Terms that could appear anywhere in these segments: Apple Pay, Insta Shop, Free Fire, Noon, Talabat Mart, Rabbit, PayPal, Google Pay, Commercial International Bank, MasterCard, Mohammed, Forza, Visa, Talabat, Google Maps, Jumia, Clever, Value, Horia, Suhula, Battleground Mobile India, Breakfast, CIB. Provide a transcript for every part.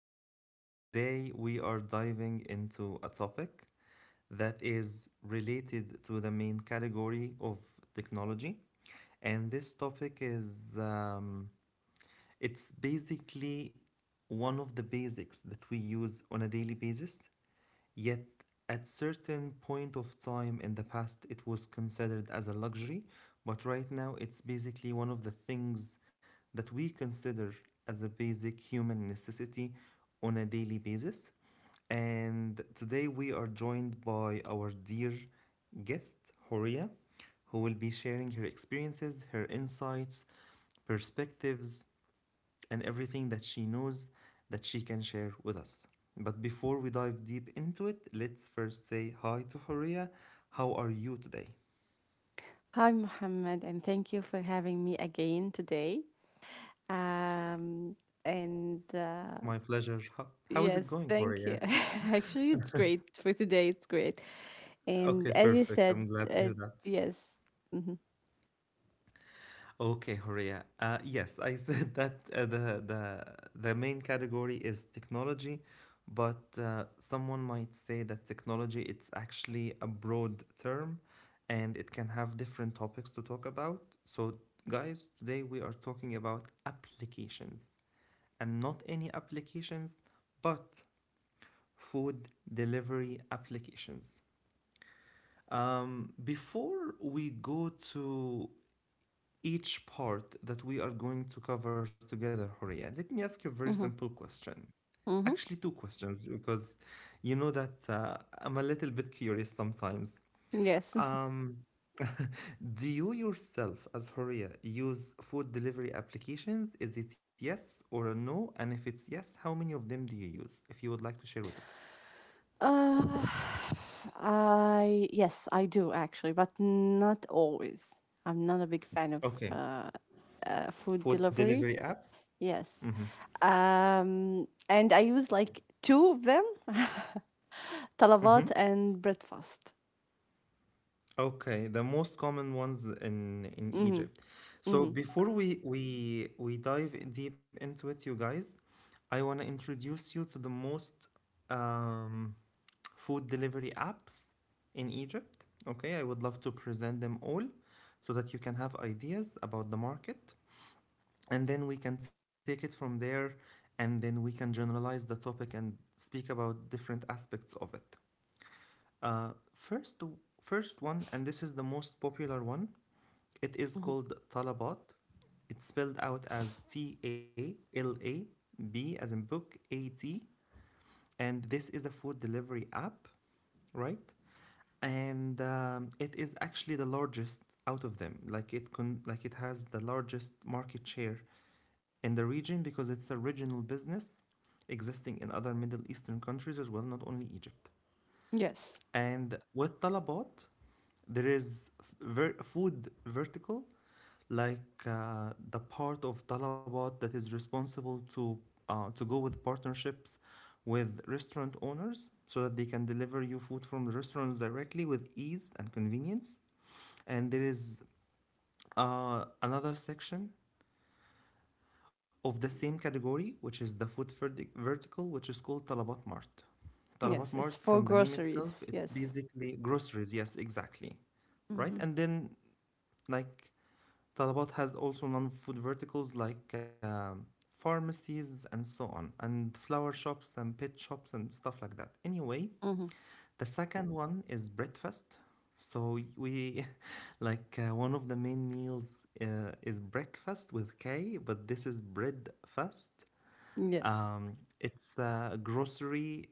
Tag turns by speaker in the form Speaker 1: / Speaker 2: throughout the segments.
Speaker 1: and today we are diving into a topic that is related to the main category of technology. And this topic is it's basically one of the basics that we use on a daily basis, yet at certain point of time in the past it was considered as a luxury, but right now it's basically one of the things that we consider as a basic human necessity on a daily basis. And today we are joined by our dear guest, Horia, who will be sharing her experiences, her insights, perspectives, and everything that she knows that she can share with us. But before we dive deep into it, let's first say hi to Horia. How are you today?
Speaker 2: Hi, Mohammed, and thank you for having me again today. Um, and
Speaker 1: It's my pleasure. How is it
Speaker 2: Yes,
Speaker 1: going,
Speaker 2: thank you.
Speaker 1: Horia? It's,
Speaker 2: Actually, it's great for today. It's great. And
Speaker 1: okay,
Speaker 2: as you
Speaker 1: perfect. I'm
Speaker 2: said,
Speaker 1: glad to hear that.
Speaker 2: yes. Mm-hmm.
Speaker 1: Okay, Horia. Yes, I said that the main category is technology, but someone might say that technology it's actually a broad term, and it can have different topics to talk about. So, guys, today we are talking about applications, and not any applications, but food delivery applications. Before we go to each part that we are going to cover together, Horia. Let me ask you a very
Speaker 2: Mm-hmm.
Speaker 1: simple question.
Speaker 2: Mm-hmm.
Speaker 1: Actually, two questions because you know that I'm a little bit curious sometimes.
Speaker 2: Yes.
Speaker 1: Um, do you yourself, as Horia, use food delivery applications? Is it yes or a no? And if it's yes, how many of them do you use? If you would like to share with us.
Speaker 2: Uh, I Yes, I do actually, but not always. I'm not a big fan of
Speaker 1: Okay.
Speaker 2: uh, food
Speaker 1: Food
Speaker 2: delivery.
Speaker 1: delivery apps?
Speaker 2: Yes. And I use like two of them.
Speaker 1: Mm-hmm.
Speaker 2: طلبات and breakfast.
Speaker 1: Okay, the most common ones in
Speaker 2: Mm-hmm.
Speaker 1: Egypt. So
Speaker 2: Mm-hmm.
Speaker 1: before we dive deep into it, you guys, I want to introduce you to the most um, food delivery apps in Egypt. Okay, I would love to present them all so that you can have ideas about the market, and then we can take it from there, and then we can generalize the topic and speak about different aspects of it. First, first one, and this is the most popular one, it is
Speaker 2: Mm-hmm.
Speaker 1: called Talabat. It's spelled out as TALAB as in book A T. And this is a food delivery app, right? And it is actually the largest out of them. Like it has the largest market share in the region because it's a regional business existing in other Middle Eastern countries as well, not only Egypt.
Speaker 2: Yes.
Speaker 1: And with Talabat, there is food vertical, like the part of Talabat that is responsible to go with partnerships with restaurant owners so that they can deliver you food from the restaurants directly with ease and convenience. And there is another section of the same category, which is the food vertical, which is called Talabat Mart. Talabat
Speaker 2: Yes, it's
Speaker 1: Mart,
Speaker 2: for
Speaker 1: from the name itself,
Speaker 2: groceries.
Speaker 1: it's
Speaker 2: Yes.
Speaker 1: basically groceries. Yes, exactly.
Speaker 2: Mm-hmm.
Speaker 1: Right? And then, like, Talabat has also non food verticals like pharmacies and so on, and flower shops and pet shops and stuff like that. Anyway,
Speaker 2: Mm-hmm.
Speaker 1: the second one is breakfast. So we like one of the main meals is breakfast with K, but this is breadfast.
Speaker 2: Yes.
Speaker 1: It's a grocery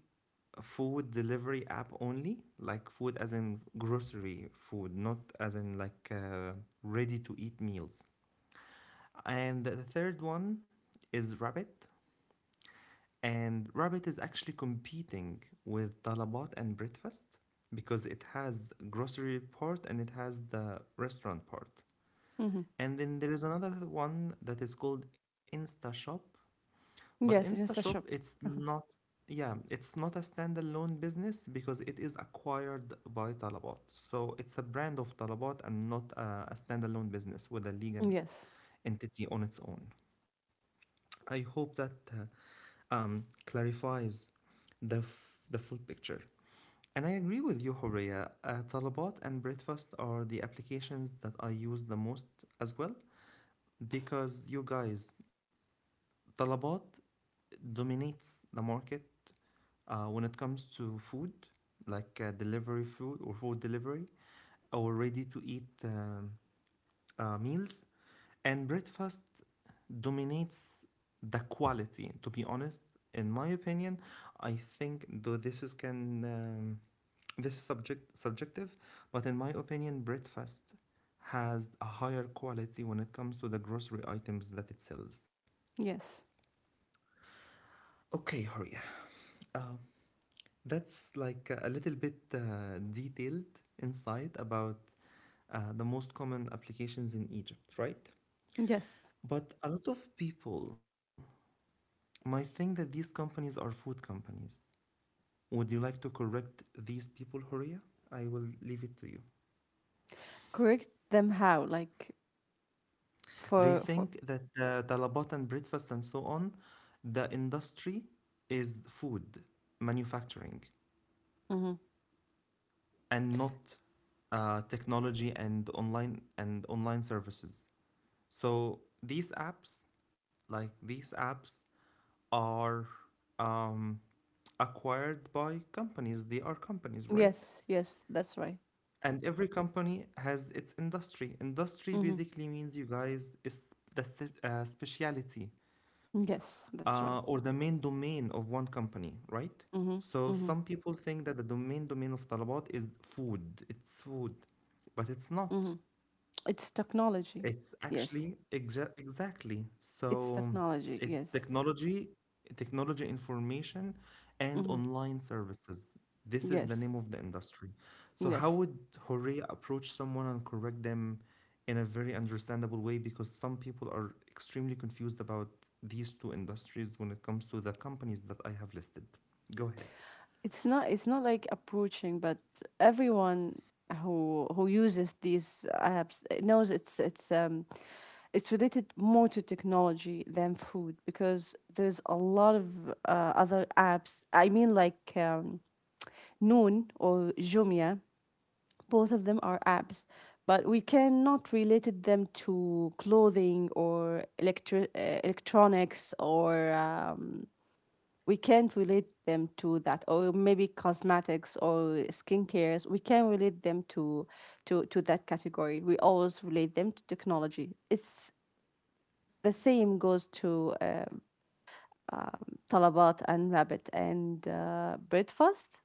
Speaker 1: food delivery app only, like food as in grocery food, not as in like ready to eat meals. And the third one is Rabbit. And Rabbit is actually competing with Talabat and Breakfast because it has grocery part and it has the restaurant part.
Speaker 2: Mm-hmm.
Speaker 1: And then there is another one that is called Insta Shop, but
Speaker 2: Yes,
Speaker 1: Insta
Speaker 2: it's a
Speaker 1: Shop
Speaker 2: shop.
Speaker 1: it's
Speaker 2: Mhm.
Speaker 1: not, yeah, it's not a standalone business because it is acquired by Talabat. So it's a brand of Talabat and not a standalone business with a legal
Speaker 2: Yes.
Speaker 1: entity on its own. I hope that clarifies the full picture. And I agree with you, Horia. Talabat and Breakfast are the applications that I use the most as well because you guys, Talabat dominates the market when it comes to food, like delivery food or food delivery or ready to eat meals. And breakfast dominates the quality, to be honest. In my opinion, I think though this is can this is subjective, but in my opinion, breakfast has a higher quality when it comes to the grocery items that it sells.
Speaker 2: Yes.
Speaker 1: Okay, Horia. Uh, that's like a little bit detailed insight about the most common applications in Egypt, right?
Speaker 2: Yes.
Speaker 1: But a lot of people might think that these companies are food companies. Would you like to correct these people, Horia? I will leave it to you.
Speaker 2: Correct them how? Like
Speaker 1: They
Speaker 2: for.
Speaker 1: think that talabat and breakfast and so on, the industry is food manufacturing
Speaker 2: Mm-hmm.
Speaker 1: and not technology and online services. So these apps, like these apps, are um, acquired by companies. They are companies, right?
Speaker 2: Yes. Yes, that's right.
Speaker 1: And every company has its industry. Industry
Speaker 2: Mm-hmm.
Speaker 1: basically means, you guys, is the specialty
Speaker 2: Yes, that's right.
Speaker 1: or the main domain of one company, right?
Speaker 2: Mm-hmm.
Speaker 1: So
Speaker 2: Mm-hmm.
Speaker 1: some people think that the domain of Talabat is food. It's food, but it's not.
Speaker 2: Mm-hmm. It's technology.
Speaker 1: It's
Speaker 2: Yes.
Speaker 1: actually exactly.
Speaker 2: It's
Speaker 1: So
Speaker 2: technology,
Speaker 1: it's
Speaker 2: yes.
Speaker 1: technology, technology information, and
Speaker 2: Mm-hmm.
Speaker 1: online services. This is the
Speaker 2: Yes.
Speaker 1: name of the industry. So how
Speaker 2: Yes.
Speaker 1: would Horea approach someone and correct them in a very understandable way? Because some people are extremely confused about these two industries when it comes to the companies that I have listed. Go ahead.
Speaker 2: It's not like approaching, but everyone who uses these apps knows it's related more to technology than food, because there's a lot of other apps. I mean, like, Noon or Jumia, both of them are apps, but we cannot relate them to clothing or electronics, or we can't relate them to that, or maybe cosmetics or skincares. We can relate them to to that category. We always relate them to technology. It's the same goes to Talabat and Rabbit and breakfast.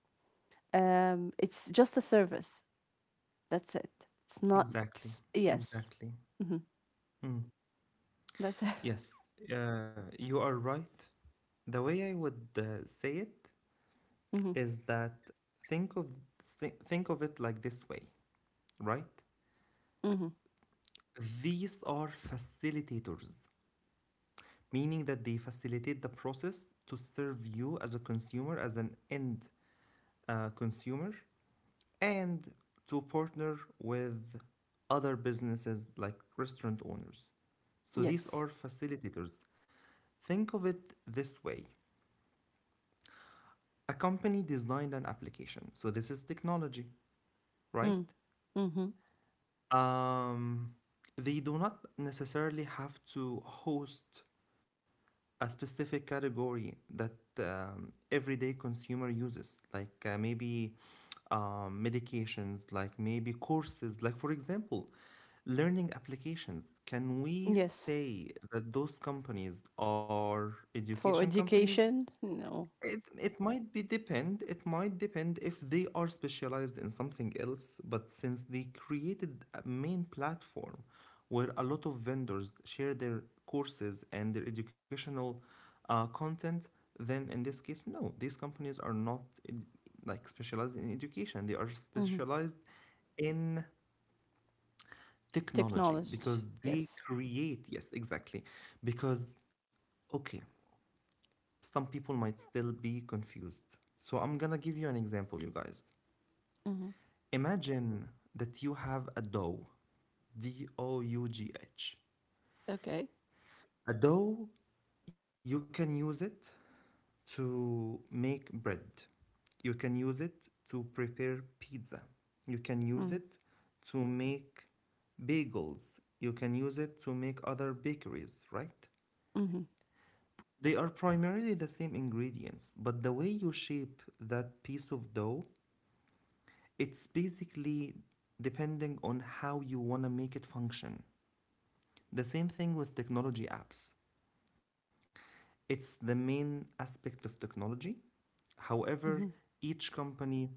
Speaker 2: It's just a service. That's it. It's not.
Speaker 1: Exactly.
Speaker 2: Yes.
Speaker 1: Exactly.
Speaker 2: Mm-hmm.
Speaker 1: Mm.
Speaker 2: That's it.
Speaker 1: Yes, you are right. The way I would say it
Speaker 2: Mm-hmm.
Speaker 1: is that think of think of it like this way, right?
Speaker 2: Mm-hmm.
Speaker 1: These are facilitators, meaning that they facilitate the process to serve you as a consumer, as an end consumer, and to partner with other businesses like restaurant owners. So these
Speaker 2: Yes.
Speaker 1: are facilitators. Think of it this way. A company designed an application. So this is technology, right?
Speaker 2: Mm. Mm-hmm.
Speaker 1: Um, they do not necessarily have to host a specific category that everyday consumer uses, like maybe medications, like maybe courses, like for example, learning applications. Can we
Speaker 2: Yes,
Speaker 1: say that those companies are
Speaker 2: for
Speaker 1: education companies?
Speaker 2: education, no.
Speaker 1: It might be depend. It might depend if they are specialized in something else. But since they created a main platform where a lot of vendors share their courses and their educational content, then in this case, no, these companies are not in, like specialized in education. They are
Speaker 2: Mm-hmm.
Speaker 1: specialized in technology
Speaker 2: Technology.
Speaker 1: because they
Speaker 2: Yes.
Speaker 1: create. Yes, exactly. Because okay, some people might still be confused. So I'm gonna give you an example, you guys.
Speaker 2: Hmm.
Speaker 1: Imagine that you have a dough, D O U G H.
Speaker 2: Okay.
Speaker 1: A dough, you can use it to make bread, you can use it to prepare pizza, you can use
Speaker 2: Hmm.
Speaker 1: it to make bagels, you can use it to make other bakeries, right?
Speaker 2: Hmm.
Speaker 1: They are primarily the same ingredients, but the way you shape that piece of dough, it's basically depending on how you want to make it function. The same thing with technology apps. It's the main aspect of technology.
Speaker 2: Hmm.
Speaker 1: However, each company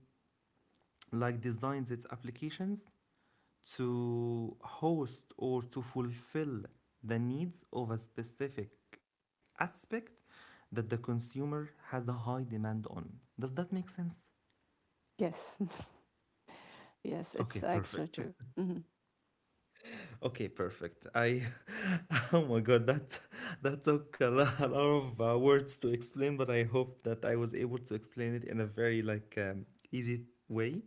Speaker 1: like designs its applications to host or to fulfill the needs of a specific aspect that the consumer has a high demand on. Does that make sense?
Speaker 2: Yes. Yes,
Speaker 1: Okay,
Speaker 2: it's
Speaker 1: perfect.
Speaker 2: actually true. Hmm.
Speaker 1: Okay, perfect. I oh my god, that that took a lot of words to explain, but I hope that I was able to explain it in a very like easy way.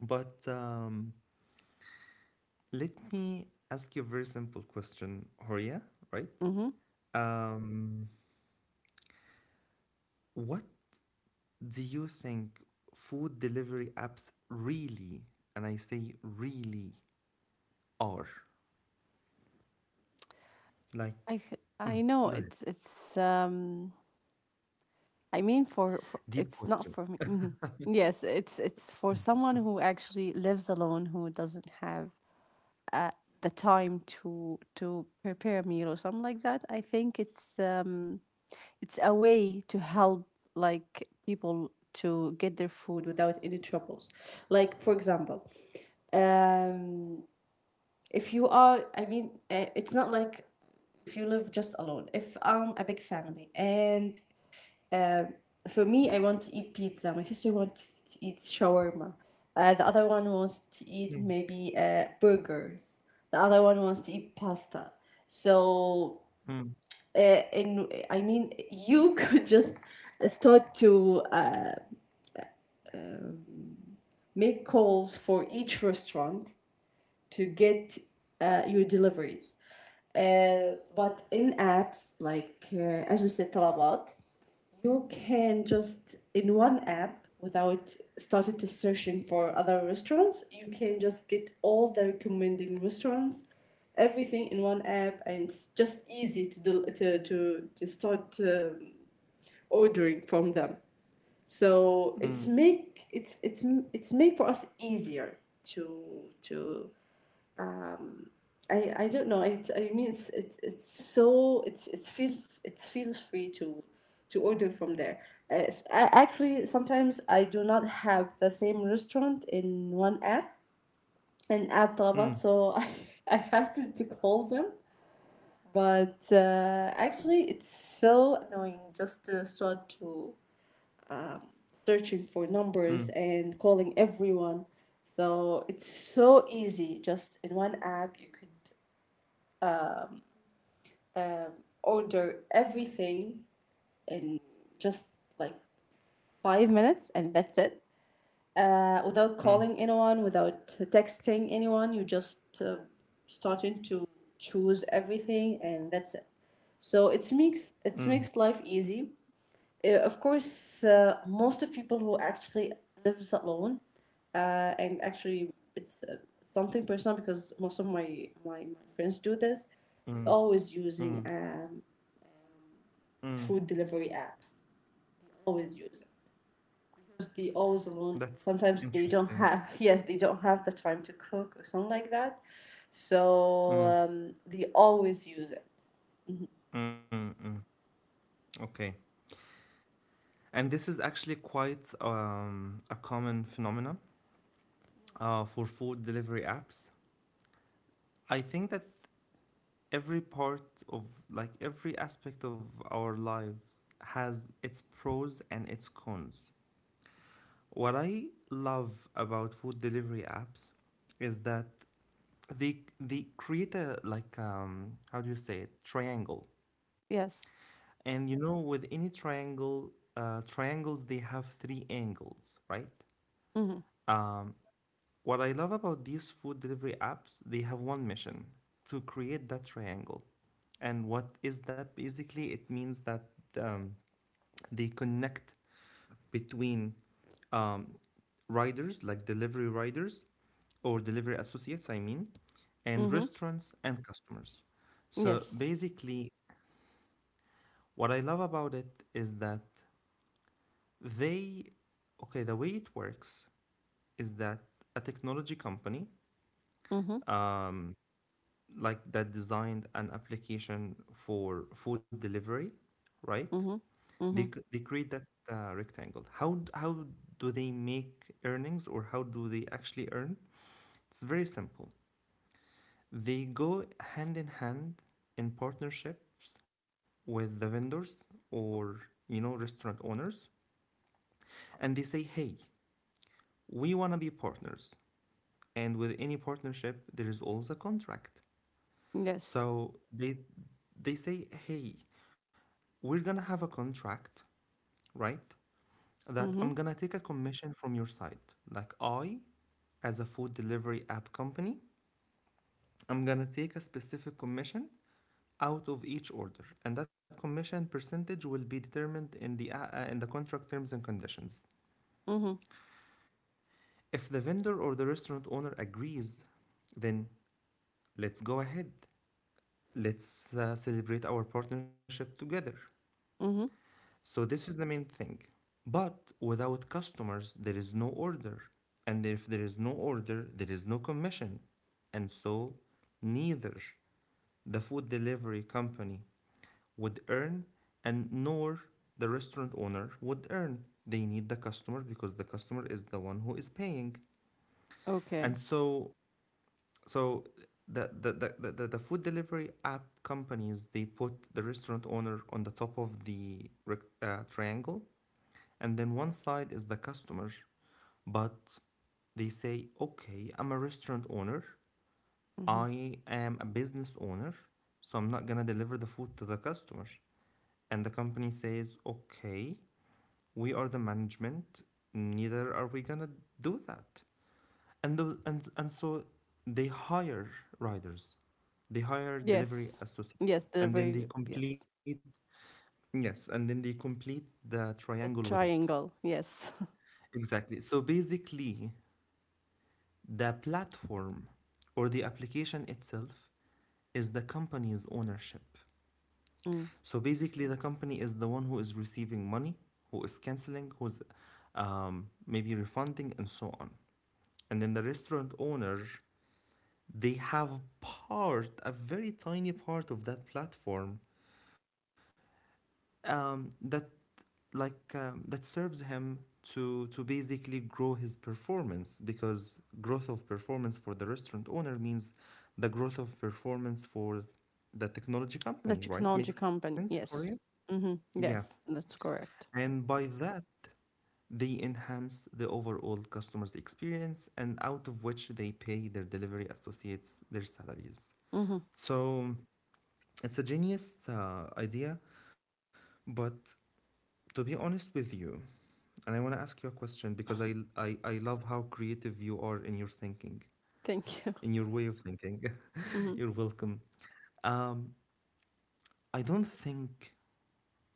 Speaker 1: But let me ask you a very simple question, Horia, right?
Speaker 2: Hmm.
Speaker 1: Um, what do you think food delivery apps really, and I say really, are? Like,
Speaker 2: I
Speaker 1: mm,
Speaker 2: know
Speaker 1: go ahead.
Speaker 2: it's I mean for
Speaker 1: Deep
Speaker 2: it's not
Speaker 1: question.
Speaker 2: for me. Hmm. Yes, it's for someone who actually lives alone, who doesn't have uh the time to prepare a meal or something like that. I think it's a way to help, like, people to get their food without any troubles. Like, for example, um, if you are, I mean, it's not like if you live just alone. If I'm a big family and for me, I want to eat pizza, my sister wants to eat shawarma, the other one wants to eat,
Speaker 1: Mm,
Speaker 2: maybe, burgers, the other one wants to eat pasta. So,
Speaker 1: mm,
Speaker 2: and I mean, you could just start to make calls for each restaurant to get your deliveries. But in apps like, as we said, Talabat, you can just, in one app, without starting to searching for other restaurants, you can just get all the recommending restaurants, everything in one app, and it's just easy to del- to start ordering from them. So it's
Speaker 1: mm,
Speaker 2: make it's make for us easier to I don't know it, I mean it's, it's so it's feel, it feels free to order from there. Actually, sometimes I do not have the same restaurant in one app and app Talabat,
Speaker 1: mm,
Speaker 2: so I have to call them. But actually, it's so annoying just to start to searching for numbers
Speaker 1: mm,
Speaker 2: and calling everyone. So it's so easy. Just in one app, you could, um, order everything in just like 5 minutes, and that's it. Without
Speaker 1: mm,
Speaker 2: calling anyone, without texting anyone, you just, starting to choose everything, and that's it. So it makes it
Speaker 1: mm.
Speaker 2: makes life easy. Of course, most of people who actually lives alone, and actually it's, something personal, because most of my friends do this. They
Speaker 1: Mm.
Speaker 2: always using
Speaker 1: Mm, mm,
Speaker 2: food delivery apps. Always use it. 'Cause they always alone.
Speaker 1: that's
Speaker 2: Sometimes they don't
Speaker 1: interesting.
Speaker 2: have yes, they don't have the time to cook or something like that, so
Speaker 1: Mm,
Speaker 2: they always use it.
Speaker 1: mm, mm. Okay. And this is actually quite a common phenomenon for food delivery apps. I think that every part of, like, every aspect of our lives has its pros and its cons. What I love about food delivery apps is that they create a like how do you say it triangle.
Speaker 2: Yes.
Speaker 1: And you know, with any triangle, triangles they have three angles, right?
Speaker 2: Mm-hmm.
Speaker 1: Um, what I love about these food delivery apps, they have one mission to create that triangle. And what is that? Basically, it means that um, they connect between um, riders, like delivery riders or delivery associates, I mean, and
Speaker 2: Mm-hmm.
Speaker 1: restaurants and customers. So
Speaker 2: Yes.
Speaker 1: basically, what I love about it is that they, okay, the way it works is that a technology company
Speaker 2: Mm-hmm.
Speaker 1: um, like that designed an application for food delivery, right?
Speaker 2: Mm-hmm.
Speaker 1: They
Speaker 2: Mm-hmm.
Speaker 1: they create that rectangle. How do they make earnings or how do they actually earn? It's very simple. They go hand in hand in partnerships with the vendors or restaurant owners, and they say, "Hey, we want to be partners." And with any partnership, there is always a contract.
Speaker 2: Yes.
Speaker 1: So they say, "Hey, we're gonna have a contract, right? That
Speaker 2: Mm-hmm.
Speaker 1: I'm gonna take a commission from your side. Like I, as a food delivery app company, I'm gonna take a specific commission out of each order, and that commission percentage will be determined in the contract terms and conditions."
Speaker 2: Mm-hmm.
Speaker 1: If the vendor or the restaurant owner agrees, then let's go ahead. Let's celebrate our partnership together.
Speaker 2: Mm-hmm.
Speaker 1: So this is the main thing. But without customers, there is no order. And if there is no order, there is no commission. And so neither the food delivery company would earn, and nor the restaurant owner would earn. They need the customer because the customer is the one who is paying.
Speaker 2: Okay.
Speaker 1: And so the food delivery app companies, they put the restaurant owner on the top of the triangle, and then one side is the customer. But they say, "Okay, I'm a restaurant owner,
Speaker 2: Hmm.
Speaker 1: I am a business owner, so I'm not going to deliver the food to the customer." And the company says, "Okay, we are the management, neither are we going to do that." And those and and so they hire riders, they hire
Speaker 2: Yes.
Speaker 1: delivery
Speaker 2: Yes,
Speaker 1: associates,
Speaker 2: they're
Speaker 1: and
Speaker 2: very,
Speaker 1: then they
Speaker 2: yes.
Speaker 1: complete. Yes, and then they complete the
Speaker 2: The
Speaker 1: triangle with it.
Speaker 2: triangle, yes.
Speaker 1: Exactly, so basically, the platform or the application itself is the company's ownership.
Speaker 2: Mm.
Speaker 1: So basically, the company is the one who is receiving money, who is canceling, who's maybe refunding, and so on. And then the restaurant owner, they have part, a very tiny part of that platform um, that that serves him to basically grow his performance, because growth of performance for the restaurant owner means the growth of performance for the technology
Speaker 2: The
Speaker 1: company,
Speaker 2: technology
Speaker 1: right? Makes sense
Speaker 2: company,
Speaker 1: for you?
Speaker 2: yes. Hmm.
Speaker 1: Yeah.
Speaker 2: Yes, that's correct.
Speaker 1: And by that, they enhance the overall customer's experience, and out of which they pay their delivery associates their salaries.
Speaker 2: Hmm.
Speaker 1: So it's a genius idea, but to be honest with you, and I want to ask you a question, because I love how creative you are in your thinking,
Speaker 2: Thank you.
Speaker 1: in your way of thinking.
Speaker 2: Hmm.
Speaker 1: You're welcome. Um, I don't think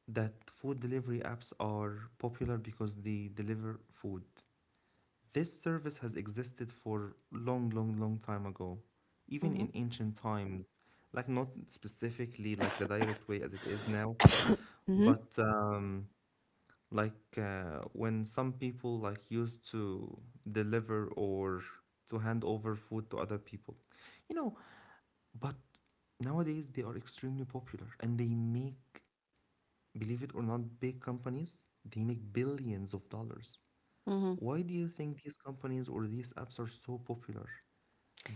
Speaker 1: that food delivery apps are popular because they deliver food. This service has existed for long, long, long time ago, even
Speaker 2: Hmm.
Speaker 1: in ancient times. Like not specifically like the direct way as it is now, but when some people like used to deliver or to hand over food to other people you know but nowadays they are extremely popular, and they make, believe it or not, big companies, they make billions of dollars.
Speaker 2: Hmm.
Speaker 1: Why do you think these companies or these apps are so popular?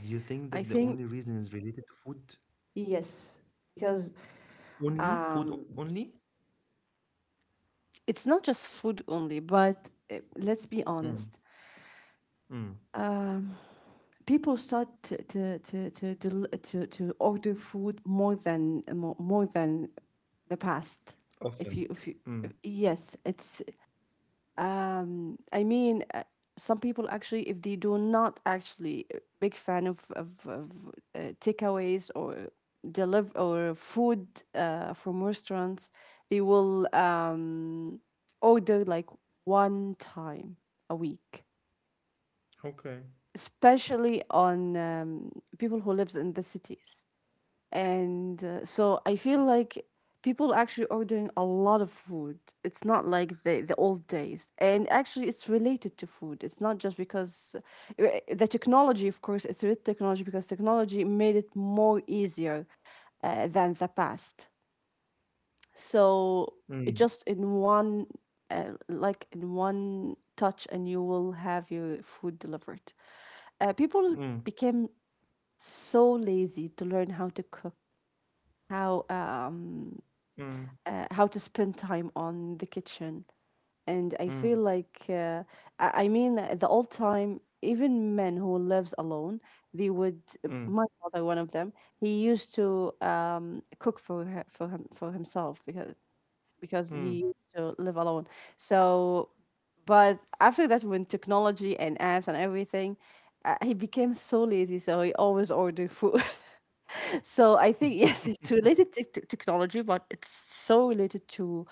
Speaker 1: Do you think
Speaker 2: I
Speaker 1: that the
Speaker 2: think,
Speaker 1: only reason is related to food?
Speaker 2: yes, because
Speaker 1: Only food?
Speaker 2: um,
Speaker 1: Only?
Speaker 2: it's not just food only, but, let's be honest. Um, People start to, del- to order food more than more than the past. If you
Speaker 1: Often.
Speaker 2: if you if, Yes, it's I mean, some people actually, if they do not actually, big fan of takeaways, or deliver or food from restaurants, they will order like one time a week,
Speaker 1: Okay.
Speaker 2: especially on, people who lives in the cities, and so I feel like people are actually ordering a lot of food. It's not like the old days, and actually it's related to food. It's not just because, uh, the technology, of course, it's with technology, because technology made it more easier than the past. So it
Speaker 1: Mm.
Speaker 2: just in one, like in one touch, and you will have your food delivered. People
Speaker 1: Mm.
Speaker 2: became so lazy to learn how to cook, how um
Speaker 1: Mm.
Speaker 2: how to spend time on the kitchen, and I feel
Speaker 1: Mm.
Speaker 2: like, I mean, the old time, even men who lives alone, they would,
Speaker 1: Mm.
Speaker 2: my father one of them, he used to cook for himself, because he
Speaker 1: Mm.
Speaker 2: used to live alone. So, but after that, when technology and apps and everything, he became so lazy, so he always order food. So I think, yes, it's related to technology, but it's so related to,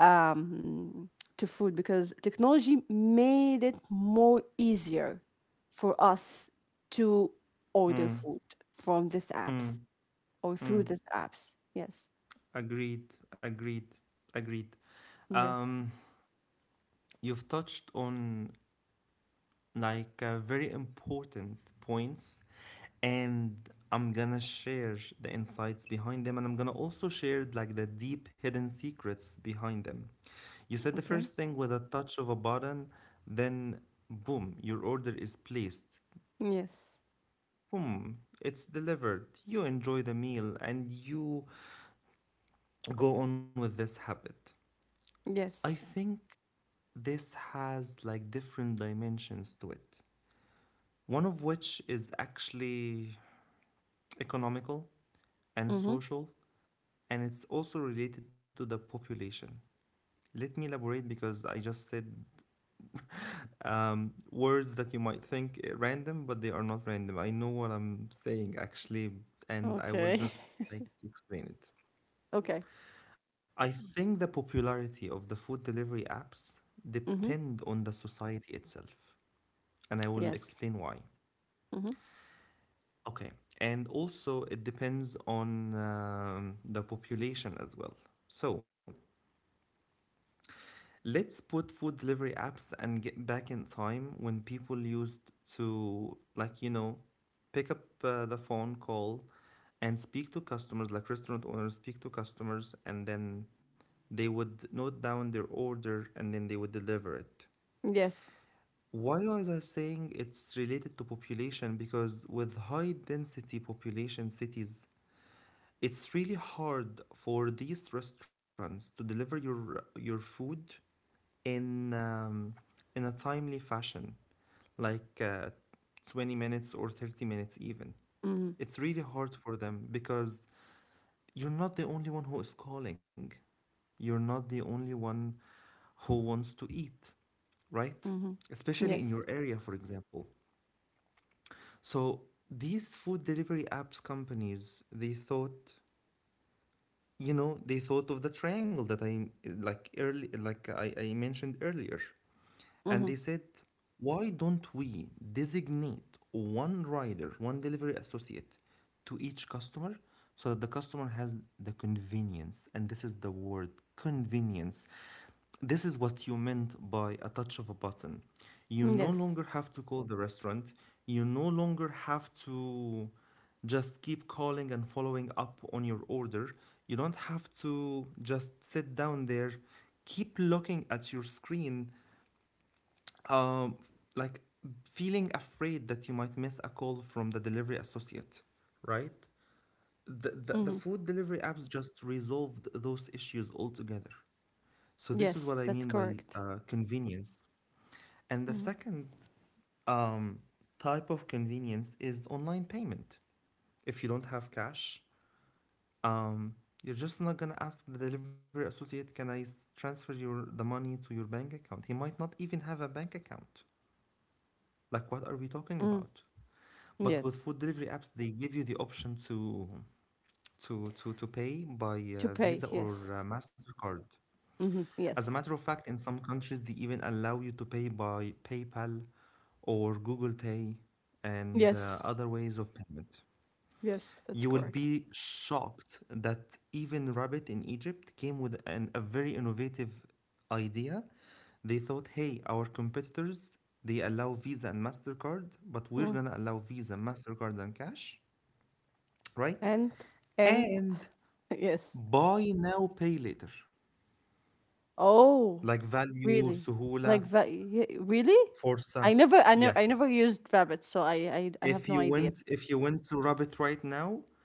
Speaker 2: um, to food, because technology made it more easier for us to order
Speaker 1: Mm.
Speaker 2: food from these apps,
Speaker 1: Mm.
Speaker 2: or through
Speaker 1: Mm.
Speaker 2: these apps. Yes.
Speaker 1: Agreed, agreed, agreed.
Speaker 2: Yes.
Speaker 1: Um, you've touched on like very important points, and I'm gonna share the insights behind them, and I'm gonna also share like the deep hidden secrets behind them. You said the
Speaker 2: Okay.
Speaker 1: first thing: with a touch of a button, then boom, your order is placed.
Speaker 2: Yes.
Speaker 1: Boom, it's delivered. You enjoy the meal, and you go on with this habit. I
Speaker 2: Yes.
Speaker 1: think this has like different dimensions to it. One of which is actually economical and
Speaker 2: Mm-hmm.
Speaker 1: social, and it's also related to the population. Let me elaborate, because I just said words that you might think random, but they are not random. I know what I'm saying actually, and I will
Speaker 2: Okay.
Speaker 1: just like explain it.
Speaker 2: Okay.
Speaker 1: I think the popularity of the food delivery apps
Speaker 2: Mm-hmm.
Speaker 1: depend on the society itself, and I will
Speaker 2: Yes.
Speaker 1: explain why.
Speaker 2: Mm-hmm.
Speaker 1: Okay. And also, it depends on the population as well. So, let's put food delivery apps and get back in time when people used to, like, pick up the phone call and speak to customers, like restaurant owners speak to customers, and then they would note down their order, and then they would deliver it.
Speaker 2: Yes.
Speaker 1: Why was I saying it's related to population? Because with high density population cities, it's really hard for these restaurants to deliver your food in um, in a timely fashion, like 20 minutes or 30 minutes even.
Speaker 2: Mm-hmm.
Speaker 1: It's really hard for them because you're not the only one who is calling. You're not the only one who wants to eat, right?
Speaker 2: Mm-hmm.
Speaker 1: Especially in your
Speaker 2: Yes.
Speaker 1: area, for example. So these food delivery apps companies, they thought of the triangle that I like early like I mentioned earlier,
Speaker 2: Mm-hmm.
Speaker 1: and they said, why don't we designate one rider, one delivery associate to each customer so that the customer has the convenience? And this is the word: convenience. This is what you meant by a touch of a button. You no
Speaker 2: Yes.
Speaker 1: longer have to call the restaurant, you no longer have to just keep calling and following up on your order. You don't have to just sit down there, keep looking at your screen, um, like, feeling afraid that you might miss a call from the delivery associate, right? The
Speaker 2: Mm-hmm.
Speaker 1: food delivery apps just resolved those issues altogether. So, this is what
Speaker 2: Yes,
Speaker 1: I
Speaker 2: that's
Speaker 1: mean by
Speaker 2: correct.
Speaker 1: convenience. And the
Speaker 2: Mhm.
Speaker 1: second um, type of convenience is online payment. If you don't have cash, um, you're just not going to ask the delivery associate, can I transfer the money to your bank account? He might not even have a bank account. Like, what are we talking
Speaker 2: Mm,
Speaker 1: about? But with
Speaker 2: yes.
Speaker 1: food delivery apps, they give you the option to pay by
Speaker 2: To pay,
Speaker 1: Visa
Speaker 2: yes.
Speaker 1: or Mastercard.
Speaker 2: Hmm.
Speaker 1: As a
Speaker 2: Yes.
Speaker 1: matter of fact, in some countries, they even allow you to pay by PayPal or Google Pay and
Speaker 2: Yes.
Speaker 1: other ways of payment.
Speaker 2: Yes, that's
Speaker 1: You will
Speaker 2: correct.
Speaker 1: be shocked that even Rabbit in Egypt came with a very innovative idea. They thought, hey, our competitors, they allow Visa and Mastercard, but we're
Speaker 2: Mm.
Speaker 1: gonna allow Visa, Mastercard, and cash. Right?
Speaker 2: And and.
Speaker 1: And
Speaker 2: Yes.
Speaker 1: buy now, pay later,
Speaker 2: Oh,
Speaker 1: like
Speaker 2: really?
Speaker 1: Value,
Speaker 2: Like
Speaker 1: Suhula,
Speaker 2: va- ye- really? I
Speaker 1: Forza.
Speaker 2: never, I never, I never
Speaker 1: Yes.
Speaker 2: used Rabbit, so I, I have no
Speaker 1: If you
Speaker 2: idea.
Speaker 1: went, if you went to Rabbit right now,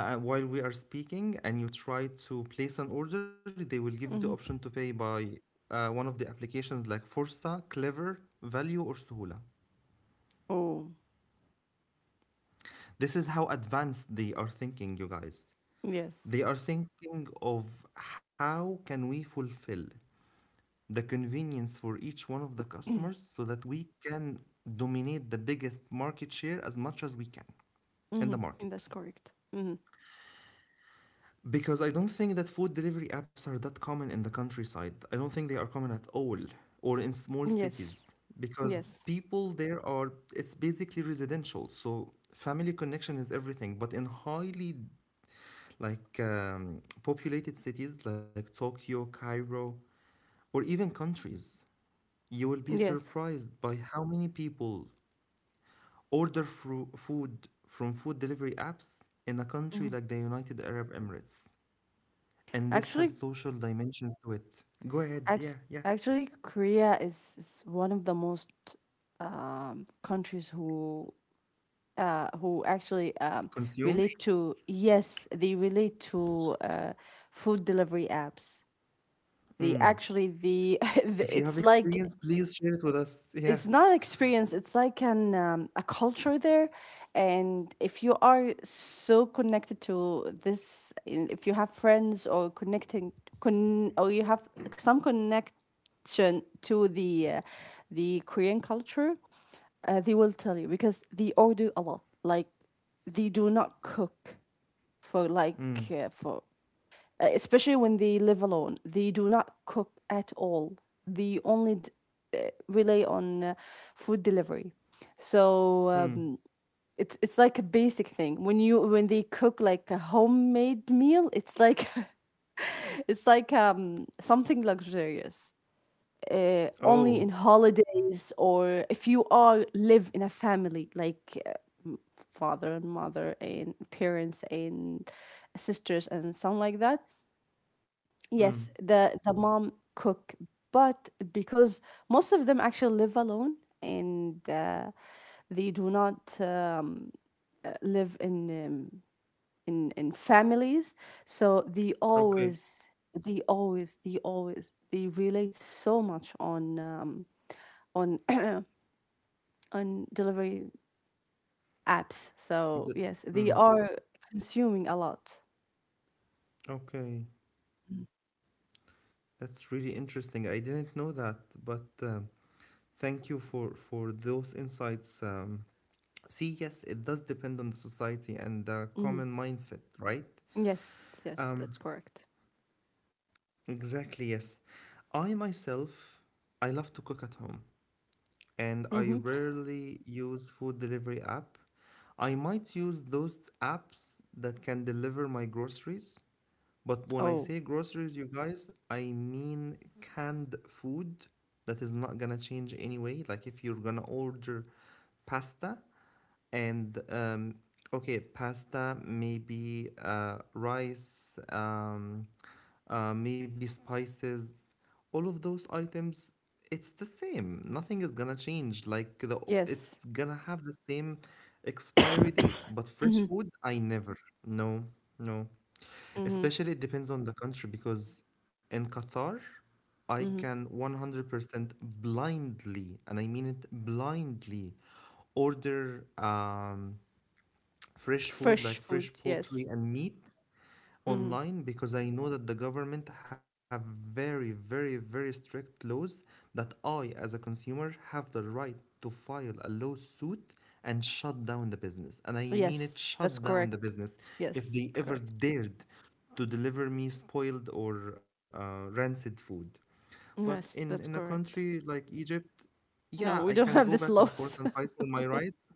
Speaker 1: while we are speaking, and you try to place an order, they will give you the option
Speaker 2: Hmm.
Speaker 1: to pay by one of the applications like Forza, Clever, Value, or Suhula.
Speaker 2: Oh,
Speaker 1: This is how advanced they are thinking, you guys.
Speaker 2: yes.
Speaker 1: They are thinking of how can we fulfill the convenience for each one of the customers so that we can dominate the biggest market share as much as we can in the
Speaker 2: Hmm.
Speaker 1: market.
Speaker 2: That's correct. Hmm.
Speaker 1: Because I don't think that food delivery apps are that common in the countryside. I don't think they are common at all, or in small
Speaker 2: Yes.
Speaker 1: cities, because
Speaker 2: Yes.
Speaker 1: people there are, it's basically residential. So family connection is everything. But in highly populated cities like Tokyo, Cairo, or even countries, you will be
Speaker 2: Yes.
Speaker 1: surprised by how many people order food from food delivery apps in a country
Speaker 2: Hmm.
Speaker 1: like the United Arab Emirates. And this
Speaker 2: Actually,
Speaker 1: has social dimensions to it. Go ahead.
Speaker 2: Act-
Speaker 1: Yeah, yeah.
Speaker 2: actually, Korea is one of the most countries who, who actually,
Speaker 1: Consume.
Speaker 2: relate to yes, they relate to, food delivery apps. They actually the it's
Speaker 1: If you have
Speaker 2: like,
Speaker 1: experience, please share it with us.
Speaker 2: it's
Speaker 1: Yeah.
Speaker 2: not an experience, it's like an, a culture there. And if you are so connected to this, if you have friends, or or you have some connection to the Korean culture, they will tell you, because they order a lot, like they do not cook for like,
Speaker 1: Mm.
Speaker 2: for especially when they live alone. They do not cook at all. They only rely on, food delivery. So,
Speaker 1: Mm.
Speaker 2: it's like a basic thing. When they cook like a homemade meal, it's like, it's like, something luxurious. Only
Speaker 1: Oh.
Speaker 2: in holidays, or if you are live in a family, like, father and mother and parents and sisters and something like that.
Speaker 1: Mm.
Speaker 2: Yes, the mom cook, but because most of them actually live alone, and they do not, live in families, so
Speaker 1: Okay.
Speaker 2: they relate so much on, on on delivery apps. So
Speaker 1: Th-
Speaker 2: yes, they
Speaker 1: mm.
Speaker 2: are consuming a lot.
Speaker 1: Okay. That's really interesting. I didn't know that, but thank you for those insights. See, yes, it does depend on the society and the
Speaker 2: Mm.
Speaker 1: common mindset, right?
Speaker 2: Yes, yes, that's
Speaker 1: Um,
Speaker 2: correct.
Speaker 1: Exactly, yes. I myself, I love to cook at home, and I
Speaker 2: Hmm.
Speaker 1: rarely use food delivery app. I might use those apps that can deliver my groceries, but when I
Speaker 2: Oh,
Speaker 1: say groceries, you guys, I mean canned food that is not gonna change anyway. Like if you're gonna order pasta, and okay, pasta, maybe rice, maybe spices, all of those items, it's the same, nothing is gonna change, like the
Speaker 2: yes.
Speaker 1: it's gonna have the same expiry date. But fresh food, I never. No, no,
Speaker 2: Mm-hmm.
Speaker 1: especially, it depends on the country because in Qatar I
Speaker 2: Mm-hmm.
Speaker 1: can 100% blindly, and I mean it blindly, order fresh food
Speaker 2: Fresh
Speaker 1: like
Speaker 2: food,
Speaker 1: fresh
Speaker 2: yes.
Speaker 1: poultry and meat
Speaker 2: Mm-hmm.
Speaker 1: online, because I know that the government have very, very, very strict laws that I, as a consumer, have the right to file a lawsuit and shut down the business. And I mean it,
Speaker 2: Yes, that's
Speaker 1: shut down
Speaker 2: correct.
Speaker 1: the business.
Speaker 2: Yes,
Speaker 1: If they
Speaker 2: correct.
Speaker 1: ever dared to deliver me spoiled or rancid food. But
Speaker 2: Yes,
Speaker 1: in
Speaker 2: that's
Speaker 1: in a
Speaker 2: correct.
Speaker 1: country like Egypt,
Speaker 2: No,
Speaker 1: yeah,
Speaker 2: we
Speaker 1: I
Speaker 2: don't
Speaker 1: can
Speaker 2: have
Speaker 1: go
Speaker 2: this
Speaker 1: back and forth
Speaker 2: loss.
Speaker 1: and fight for my rights.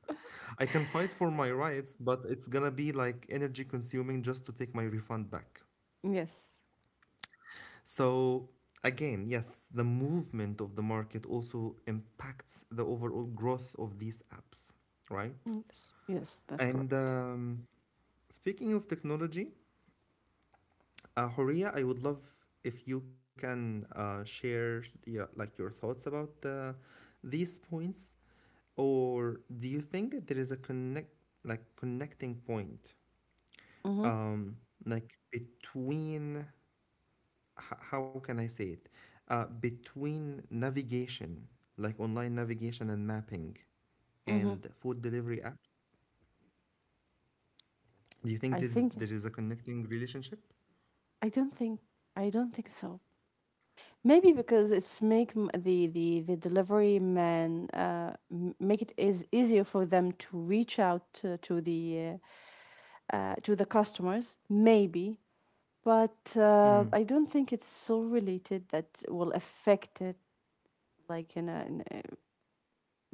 Speaker 1: I can fight for my rights, but it's gonna be like energy consuming just to take my refund back.
Speaker 2: Yes.
Speaker 1: So again, yes, the movement of the market also impacts the overall growth of these apps, right?
Speaker 2: Yes. Yes, that's
Speaker 1: And
Speaker 2: correct.
Speaker 1: Speaking of technology, Horia, I would love if you can share, yeah, like your thoughts about these points. Or do you think that there is a connect, like connecting point,
Speaker 2: Mm-hmm.
Speaker 1: um, like between how can I say it, between navigation, like online navigation and mapping,
Speaker 2: Mm-hmm.
Speaker 1: and food delivery apps? Do you
Speaker 2: I
Speaker 1: think there
Speaker 2: think
Speaker 1: is there is a connecting relationship?
Speaker 2: I don't think I don't think so. Maybe, because the the delivery man, make it is easier for them to reach out to the customers. Maybe. But I
Speaker 1: Mm,
Speaker 2: don't think it's so related that will affect it, like in a,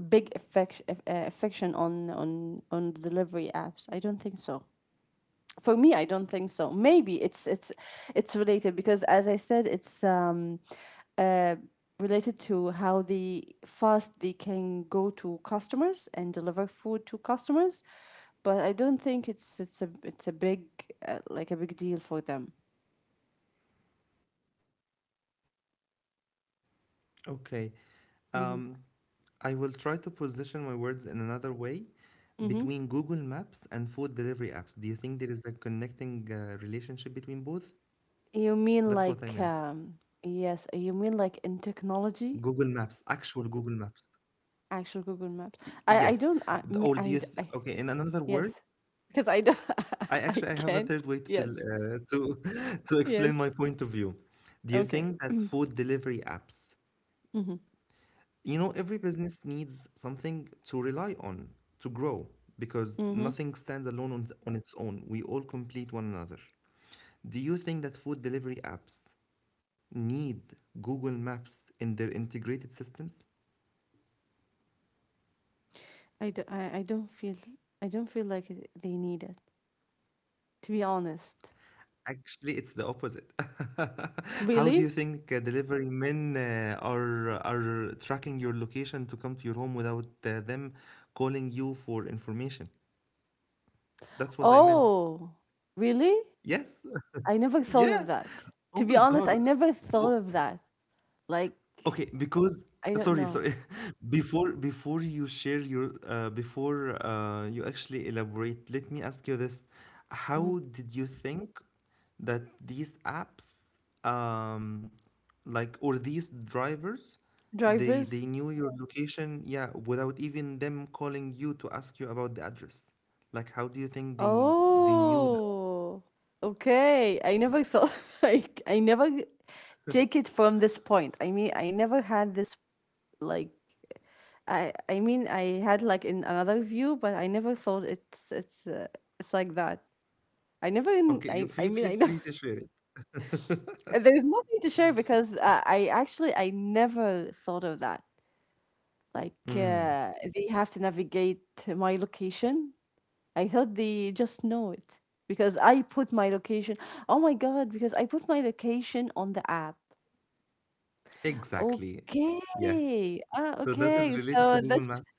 Speaker 2: big affection on delivery apps. I don't think so. For me, I don't think so. Maybe it's related, because as I said, it's uh related to how the fast they can go to customers and deliver food to customers. But I don't think it's a big, like a big deal for them.
Speaker 1: okay. Um, I will try to
Speaker 2: Mm-hmm.
Speaker 1: position my words in another way between Google Maps and
Speaker 2: Mm-hmm.
Speaker 1: food delivery apps. Do you think there is a connecting relationship between both? That's what I meant.
Speaker 2: You mean like Yes, you
Speaker 1: Google
Speaker 2: mean like
Speaker 1: Maps,
Speaker 2: in
Speaker 1: actual Google
Speaker 2: technology,
Speaker 1: Maps.
Speaker 2: actual
Speaker 1: Yes.
Speaker 2: Google
Speaker 1: D-
Speaker 2: Maps.
Speaker 1: Or do you
Speaker 2: I
Speaker 1: th-
Speaker 2: don't
Speaker 1: Okay,
Speaker 2: I
Speaker 1: in
Speaker 2: me-
Speaker 1: another
Speaker 2: I, d-
Speaker 1: word,
Speaker 2: I- Yes,
Speaker 1: I
Speaker 2: because I
Speaker 1: actually
Speaker 2: don't.
Speaker 1: I have a third way to
Speaker 2: I
Speaker 1: tell,
Speaker 2: can't.
Speaker 1: to
Speaker 2: Yes.
Speaker 1: to explain my point of
Speaker 2: Yes.
Speaker 1: view. Do you think that
Speaker 2: Okay.
Speaker 1: food delivery apps,
Speaker 2: Mm-hmm.
Speaker 1: you know, every business needs something to rely on to grow, because
Speaker 2: Mm-hmm.
Speaker 1: nothing stands alone on its own. We all complete one another. Do you think that food delivery apps need Google Maps in their integrated systems?
Speaker 2: I don't feel, I don't feel like they need it, to be honest.
Speaker 1: Actually, it's the opposite. How do you
Speaker 2: Really?
Speaker 1: think delivery men are tracking your location to come to your home without them calling you for information? That's what I meant.
Speaker 2: Oh, really?
Speaker 1: Yes.
Speaker 2: I never thought
Speaker 1: Yeah.
Speaker 2: of that.
Speaker 1: Oh
Speaker 2: To
Speaker 1: my
Speaker 2: be
Speaker 1: God.
Speaker 2: honest, I never thought of that. Like,
Speaker 1: Okay, because
Speaker 2: I don't
Speaker 1: sorry,
Speaker 2: know.
Speaker 1: sorry. Before you share your before you actually elaborate, let me ask you this.
Speaker 2: Mhm.
Speaker 1: How did you think that these apps, um, like, or these drivers, they
Speaker 2: Drivers?
Speaker 1: they knew your location, yeah, without even them calling you to ask you about the address? Like how do you think they knew that?
Speaker 2: Oh, okay. I never thought, like I never take it from this point. I mean, I never had this, like, I mean I had, like, in another view, but I never thought it's like that. I never in-
Speaker 1: Okay,
Speaker 2: I
Speaker 1: feel
Speaker 2: mean I
Speaker 1: feel
Speaker 2: never.
Speaker 1: free to share it.
Speaker 2: There's nothing to share because I actually I never thought of that. Like
Speaker 1: Mm,
Speaker 2: they have to navigate my location. I thought they just know it because I put my location. Oh my god, because I put my location on the app.
Speaker 1: exactly. Yes.
Speaker 2: Okay. Ah,
Speaker 1: So that
Speaker 2: okay.
Speaker 1: is related to
Speaker 2: So
Speaker 1: Google
Speaker 2: that's
Speaker 1: Maps?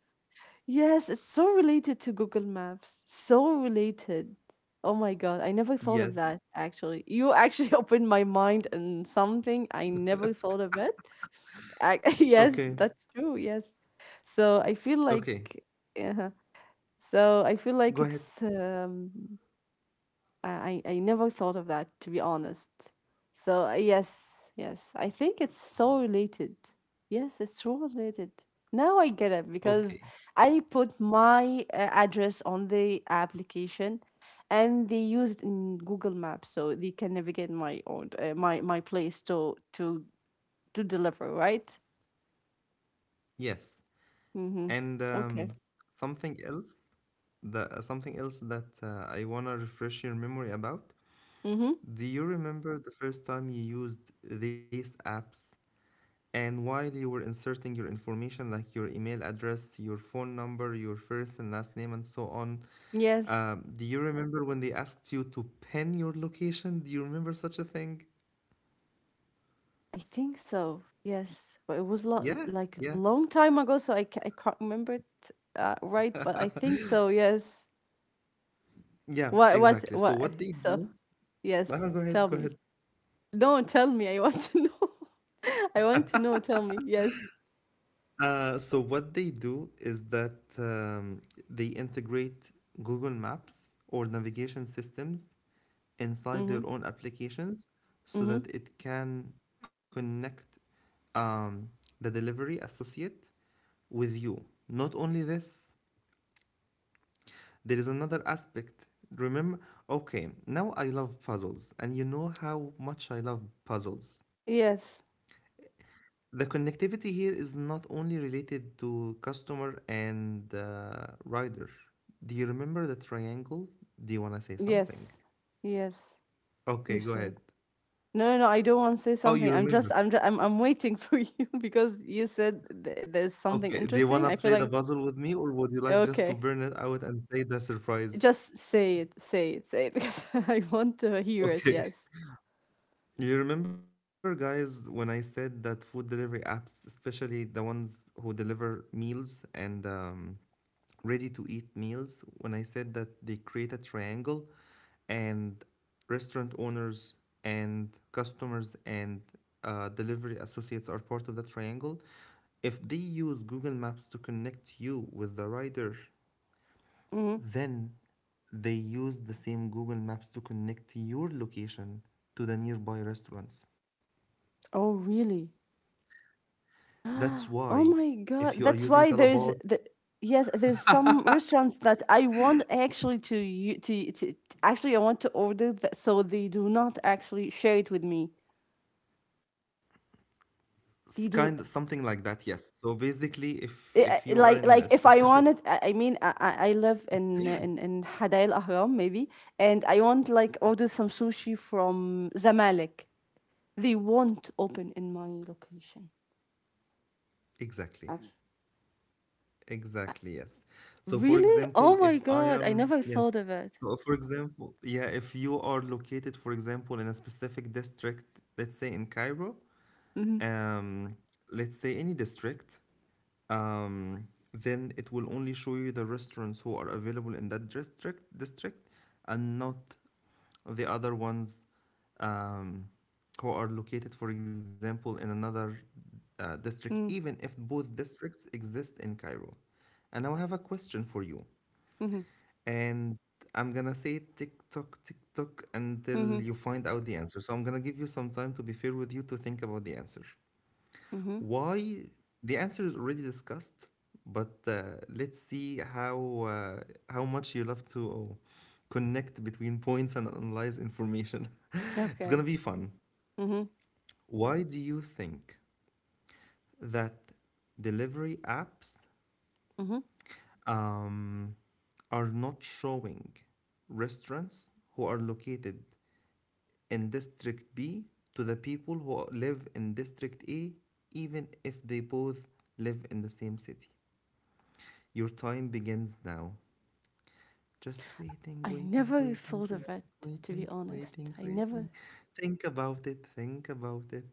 Speaker 2: yes, it's so related to Google Maps. So related. Oh my god, I never thought of
Speaker 1: Yes.
Speaker 2: that actually. You actually opened my mind and something I never thought of it. I, yes,
Speaker 1: Okay.
Speaker 2: that's true. Yes. So I feel like
Speaker 1: Okay.
Speaker 2: uh so I feel like
Speaker 1: Go ahead.
Speaker 2: it's I never thought of that to be honest. So yes, yes, I think it's so related. Yes, it's so related. Now I get it because
Speaker 1: Okay.
Speaker 2: I put my address on the application, and they used in Google Maps, so they can navigate my own my place to to deliver. Right.
Speaker 1: Yes.
Speaker 2: Mm-hmm.
Speaker 1: And
Speaker 2: Okay.
Speaker 1: Something else, the something else that I wanna refresh your memory about.
Speaker 2: Mm-hmm.
Speaker 1: Do you remember the first time you used these apps, and while you were inserting your information like your email address, your phone number, your first and last name, and so on?
Speaker 2: Yes.
Speaker 1: Do you remember when they asked you to pin your location? Do you remember such a thing?
Speaker 2: I think so. Yes, but it was
Speaker 1: Yeah,
Speaker 2: like a
Speaker 1: yeah.
Speaker 2: long time ago, so I can't remember it right. But I think so. Yes.
Speaker 1: Yeah,
Speaker 2: What? What?
Speaker 1: exactly. So
Speaker 2: What?
Speaker 1: what they
Speaker 2: So
Speaker 1: do,
Speaker 2: yes.
Speaker 1: go
Speaker 2: Tell
Speaker 1: ahead, go
Speaker 2: me.
Speaker 1: ahead.
Speaker 2: No, tell me. I want to know. I want to know. Tell me. Yes.
Speaker 1: So what they do is that, um, they integrate Google Maps or navigation systems inside
Speaker 2: Mm-hmm.
Speaker 1: their own applications so
Speaker 2: Mm-hmm.
Speaker 1: that it can connect, um, the delivery associate with you. Not only this, there is another aspect. Remember, okay, now I love puzzles, and you know how much I love puzzles.
Speaker 2: Yes.
Speaker 1: The connectivity here is not only related to customer and rider. Do you remember the triangle? Do you want to say something?
Speaker 2: Yes. Yes.
Speaker 1: Okay,
Speaker 2: You
Speaker 1: go
Speaker 2: said.
Speaker 1: ahead.
Speaker 2: No, no, no, I don't want to say
Speaker 1: Oh, you
Speaker 2: something.
Speaker 1: remember.
Speaker 2: I'm waiting for you because you said there's something
Speaker 1: Okay, do you
Speaker 2: interesting.
Speaker 1: want
Speaker 2: I
Speaker 1: to
Speaker 2: feel
Speaker 1: play
Speaker 2: like
Speaker 1: the puzzle with me, or would you like just to
Speaker 2: okay.
Speaker 1: burn it out and say the surprise?
Speaker 2: Just say it, say it, say it, because I want to hear it.
Speaker 1: Okay.
Speaker 2: Yes.
Speaker 1: You remember, guys, when I said that food delivery apps, especially the ones who deliver meals and, ready to eat meals, when I said that they create a triangle, and restaurant owners and customers and delivery associates are part of that triangle. If they use Google Maps to connect you with the rider,
Speaker 2: Hmm.
Speaker 1: then they use the same Google Maps to connect your location to the nearby restaurants.
Speaker 2: Oh, really?
Speaker 1: That's why
Speaker 2: Oh my
Speaker 1: if you
Speaker 2: God.
Speaker 1: are
Speaker 2: That's
Speaker 1: using
Speaker 2: why there's
Speaker 1: Talabat,
Speaker 2: the yes, there's some restaurants that I want actually to actually I want to order that so they do not actually share it with me.
Speaker 1: s-
Speaker 2: They
Speaker 1: kind
Speaker 2: do
Speaker 1: something like that, yes. So basically, if you are in a
Speaker 2: like if I
Speaker 1: specific
Speaker 2: want it. I mean, I live in in Hadail Ahram maybe, and I want like order some sushi from Zamalek. They won't open in my location.
Speaker 1: Exactly.
Speaker 2: Actually,
Speaker 1: Exactly, yes. So for
Speaker 2: really? Oh
Speaker 1: example,
Speaker 2: my
Speaker 1: if I
Speaker 2: God, I
Speaker 1: am,
Speaker 2: never thought
Speaker 1: yes.
Speaker 2: of it.
Speaker 1: So for example, yeah, if you are located, for example, in a specific district, let's say in Cairo,
Speaker 2: Mm-hmm,
Speaker 1: um, let's say any district, um, then it will only show you the restaurants who are available in that district and not the other ones, um, who are located, for example, in another district,
Speaker 2: mm-hmm,
Speaker 1: even if both districts exist in Cairo. And now I have a question for you.
Speaker 2: mm-hmm,
Speaker 1: And I'm gonna say tick tock until you find out the answer. So I'm gonna give you some time to be fair with you to think about the answer.
Speaker 2: mm-hmm.
Speaker 1: Why? The answer is already discussed, but let's see uh, how much you love to connect between points and analyze information. It's gonna
Speaker 2: Okay.
Speaker 1: be fun.
Speaker 2: Mm-hmm,
Speaker 1: Why do you think that delivery apps,
Speaker 2: mm-hmm.
Speaker 1: um, are not showing restaurants who are located in District B to the people who live in District A, even if they both live in the same city? Your time begins now. Just waiting,
Speaker 2: I
Speaker 1: waiting,
Speaker 2: never
Speaker 1: waiting,
Speaker 2: thought of
Speaker 1: waiting,
Speaker 2: it, to
Speaker 1: waiting,
Speaker 2: be honest.
Speaker 1: waiting, waiting. Think about it, think about it.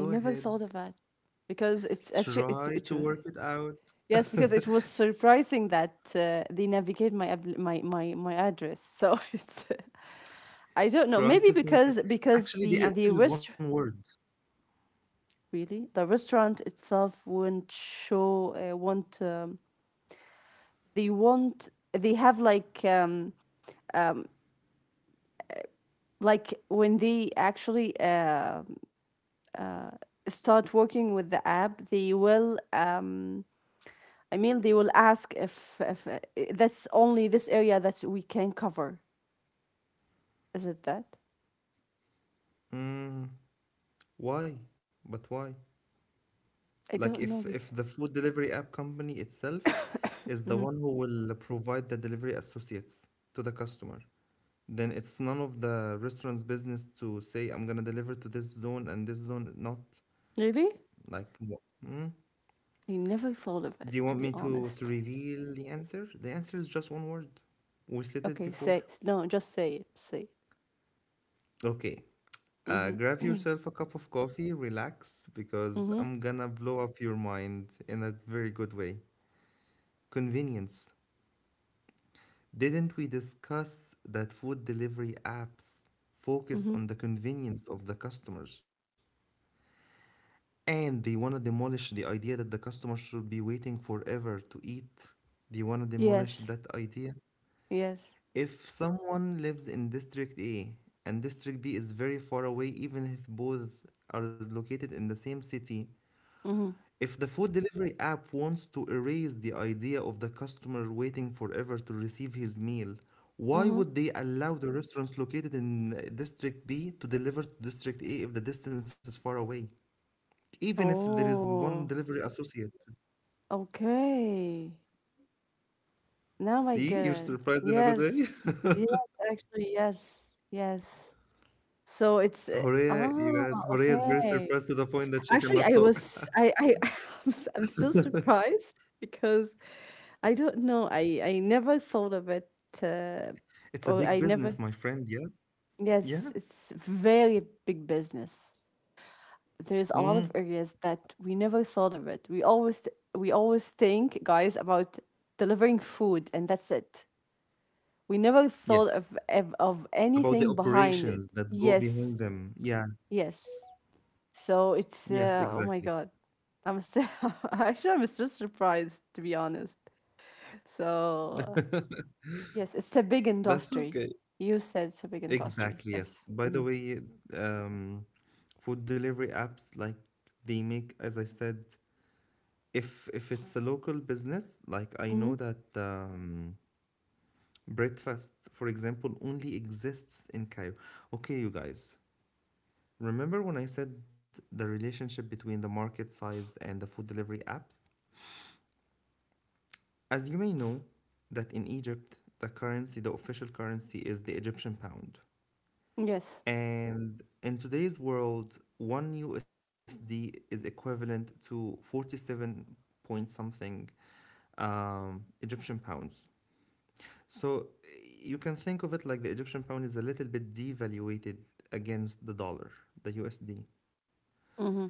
Speaker 2: I never
Speaker 1: ahead.
Speaker 2: thought of it. Because it's actually it's
Speaker 1: Try
Speaker 2: it,
Speaker 1: to
Speaker 2: wa-
Speaker 1: work it out.
Speaker 2: yes, because it was surprising that they navigate my my address. So it's I don't know.
Speaker 1: Try
Speaker 2: Maybe
Speaker 1: to think.
Speaker 2: because
Speaker 1: Actually, the
Speaker 2: the
Speaker 1: answer
Speaker 2: the
Speaker 1: is one
Speaker 2: rest
Speaker 1: word.
Speaker 2: really the restaurant itself won't show won't they want they have like when they actually start working with the app they will I mean they will ask if that's only this area that we can cover is it that
Speaker 1: Mm, why? But why?
Speaker 2: I
Speaker 1: Like
Speaker 2: don't know because
Speaker 1: if the food delivery app company itself is the
Speaker 2: mm-hmm.
Speaker 1: one who will provide the delivery associates to the customer. Then it's none of the restaurant's business to say, I'm gonna deliver to this zone and this zone not.
Speaker 2: Really,
Speaker 1: Like, wha- mm?
Speaker 2: I never thought of it
Speaker 1: Do you
Speaker 2: to
Speaker 1: want
Speaker 2: be
Speaker 1: me to
Speaker 2: honest.
Speaker 1: reveal the answer? The answer is just one word. We said it
Speaker 2: Okay,
Speaker 1: before.
Speaker 2: say no, just say it, say it.
Speaker 1: Okay. Grab
Speaker 2: Mm-hmm.
Speaker 1: yourself a cup of coffee, relax, because
Speaker 2: Mm-hmm.
Speaker 1: I'm gonna blow up your mind in a very good way. Convenience. Didn't we discuss that food delivery apps focus
Speaker 2: Mm-hmm.
Speaker 1: on the convenience of the customers? And they want to demolish the idea that the customer should be waiting forever to eat. They want to demolish
Speaker 2: Yes.
Speaker 1: that idea.
Speaker 2: Yes.
Speaker 1: If someone lives in District A and District B is very far away, even if both are located in the same city,
Speaker 2: Mm-hmm.
Speaker 1: if the food delivery app wants to erase the idea of the customer waiting forever to receive his meal, why
Speaker 2: Mm-hmm.
Speaker 1: would they allow the restaurants located in District B to deliver to District A if the distance is far away? Even if there is one
Speaker 2: Oh,
Speaker 1: delivery associate.
Speaker 2: okay. Now I get
Speaker 1: See, you're
Speaker 2: it.
Speaker 1: surprised in a good way.
Speaker 2: Yes. Yes, actually, yes. Yes. So it's
Speaker 1: Horea, you
Speaker 2: ah,
Speaker 1: guys, Horea is very
Speaker 2: okay.
Speaker 1: surprised to the point that she
Speaker 2: Actually,
Speaker 1: cannot
Speaker 2: I
Speaker 1: talk.
Speaker 2: was I I I'm still surprised because I don't know. I never thought of it uh,
Speaker 1: It's a
Speaker 2: or
Speaker 1: big
Speaker 2: I never.
Speaker 1: business, my friend. Yeah,
Speaker 2: Yes,
Speaker 1: yeah.
Speaker 2: it's very big business. There's
Speaker 1: Mm.
Speaker 2: a lot of areas that we never thought of it. We always think, guys, about delivering food and that's it. We never thought
Speaker 1: Yes.
Speaker 2: of
Speaker 1: About the
Speaker 2: anything behind it.
Speaker 1: operations that go behind
Speaker 2: Yes,
Speaker 1: them. Yeah.
Speaker 2: yes. So it's
Speaker 1: Yes,
Speaker 2: oh my
Speaker 1: exactly.
Speaker 2: god, I'm still actually I'm still surprised to be honest. So yes, it's a big
Speaker 1: That's
Speaker 2: industry.
Speaker 1: okay.
Speaker 2: You said it's a big industry.
Speaker 1: Exactly, yes.
Speaker 2: Yes.
Speaker 1: By the
Speaker 2: Mm-hmm.
Speaker 1: way, um, food delivery apps like they make, as I said, if it's a local business, like I
Speaker 2: Mm-hmm.
Speaker 1: know that, Breakfast, for example, only exists in Cairo. Okay, you guys, remember when I said the relationship between the market size and the food delivery apps? As you may know, that in Egypt, the currency, the official currency is the Egyptian pound.
Speaker 2: Yes.
Speaker 1: And in today's world, 1 USD is equivalent to 47 point something, Egyptian pounds. So you can think of it like the Egyptian pound is a little bit devaluated against the dollar, the USD.
Speaker 2: Mm-hmm.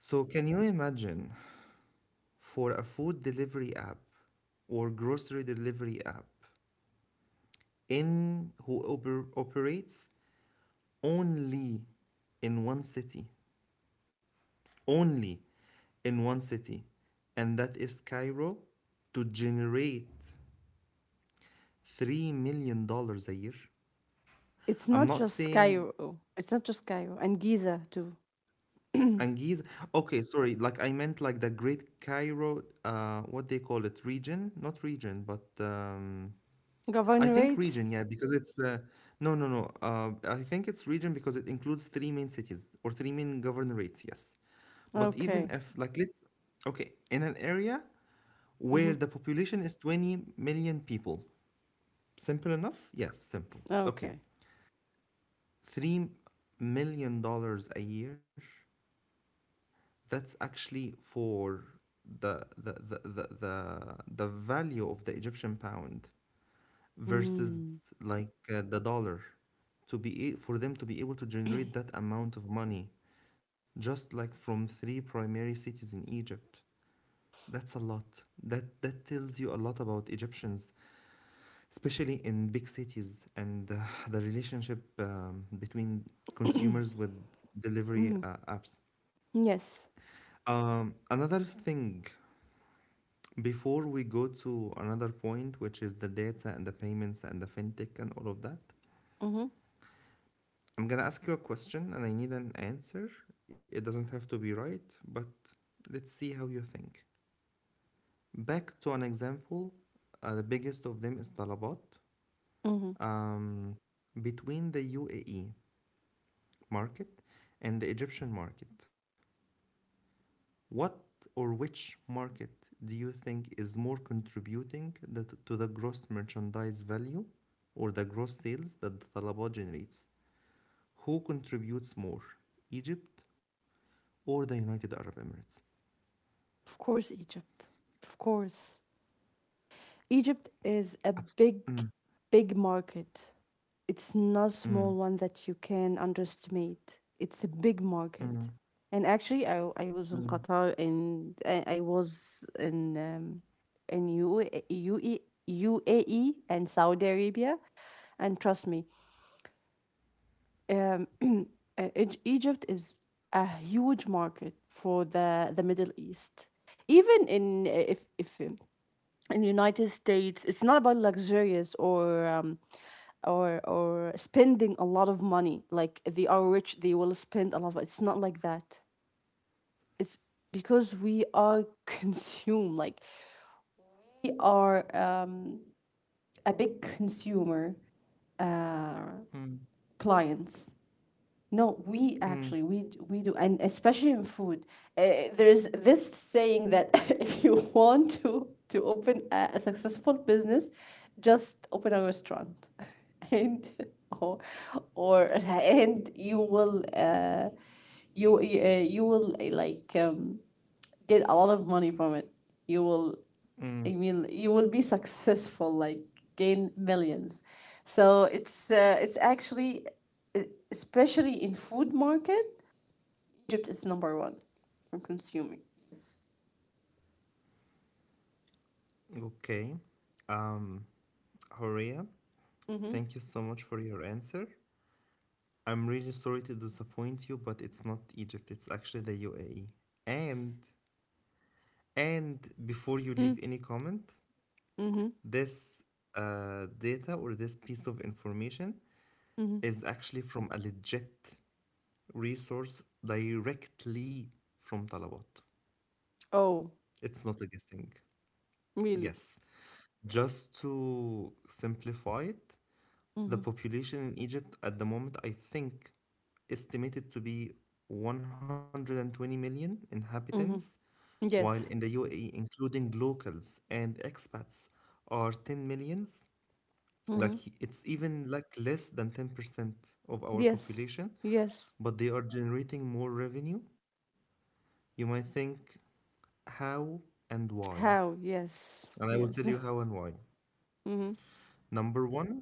Speaker 1: So can you imagine for a food delivery app or grocery delivery app in who operates only in one city, only in one city, and that is Cairo, to generate 3 million dollars a year?
Speaker 2: It's not
Speaker 1: I'm not
Speaker 2: just
Speaker 1: saying
Speaker 2: Cairo. It's not just Cairo and Giza too.
Speaker 1: And Giza. Okay, sorry. Like I meant like the Great Cairo. What they call it? Region? Not region, but, I think
Speaker 2: Governorate?
Speaker 1: region. Yeah, because it's no, no, no. I think it's region because it includes three main cities or three main governorates. Yes, but even
Speaker 2: Okay.
Speaker 1: if, like, let's okay in an area
Speaker 2: Mm-hmm.
Speaker 1: where the population is 20 million people. Simple enough? Yes, simple. Okay,
Speaker 2: Okay.
Speaker 1: $3 million a year, that's actually for the value of the Egyptian pound versus
Speaker 2: Mm.
Speaker 1: like the dollar, to be a- for them to be able to generate that amount of money just like from three primary cities in Egypt. That's a lot. That tells you a lot about Egyptians, especially in big cities, and the relationship, between consumers with delivery
Speaker 2: Mm.
Speaker 1: apps.
Speaker 2: Yes.
Speaker 1: Another thing, before we go to another point, which is the data and the payments and the fintech and all of that,
Speaker 2: Mm-hmm.
Speaker 1: I'm gonna ask you a question and I need an answer. It doesn't have to be right, but let's see how you think. Back to an example, the biggest of them is Talabat.
Speaker 2: Mm-hmm.
Speaker 1: Um, Between the UAE market and the Egyptian market, what, or which market do you think is more contributing to the gross merchandise value or the gross sales that the Talaba generates? Who contributes more, Egypt or the United Arab Emirates?
Speaker 2: Of course, Egypt. Of course. Egypt is a
Speaker 1: Abs-
Speaker 2: big,
Speaker 1: mm,
Speaker 2: big market. It's not a small
Speaker 1: mm,
Speaker 2: one that you can underestimate. It's a big market.
Speaker 1: mm,
Speaker 2: And actually, I was in
Speaker 1: mm,
Speaker 2: Qatar and I was in UAE, and Saudi Arabia. And trust me, Egypt is a huge market for the Middle East. Even in if in the United States, it's not about luxurious or or spending a lot of money. Like they are rich, they will spend a lot. Of, it's not like that. It's because we are consumed. Like we are a big consumer uh,
Speaker 1: mm,
Speaker 2: clients. No, we actually
Speaker 1: mm,
Speaker 2: we we do, and especially in food, there's this saying that if you want to open a successful business, just open a restaurant, and or or and you will you will like get a lot of money from it. You will I
Speaker 1: mm.
Speaker 2: mean, you will be successful, like gain millions. So it's actually, e- especially in food market, Egypt is number one for consuming. Yes.
Speaker 1: Okay. Um, Horia, thank you so much for your answer. I'm really sorry to disappoint you, but it's not Egypt, it's actually the UAE. And And before you
Speaker 2: Mm,
Speaker 1: leave any comment,
Speaker 2: mm-hmm,
Speaker 1: this data, or this piece of information,
Speaker 2: mm-hmm.
Speaker 1: is actually from a legit resource, directly from Talabat.
Speaker 2: Oh,
Speaker 1: It's not a guessing.
Speaker 2: really?
Speaker 1: Yes. Just to simplify it,
Speaker 2: Mm-hmm,
Speaker 1: the population in Egypt at the moment, I think, estimated to be 120 million inhabitants,
Speaker 2: mm-hmm.
Speaker 1: while in the
Speaker 2: Yes.
Speaker 1: UAE, including locals and expats, are 10 millions. Like
Speaker 2: Mm-hmm.
Speaker 1: it's even like less than 10% of our
Speaker 2: Yes.
Speaker 1: population,
Speaker 2: Yes.
Speaker 1: but they are generating more revenue. You might think how and why.
Speaker 2: How? Yes.
Speaker 1: And I will
Speaker 2: Yes.
Speaker 1: tell you how and why.
Speaker 2: Mm-hmm.
Speaker 1: Number one,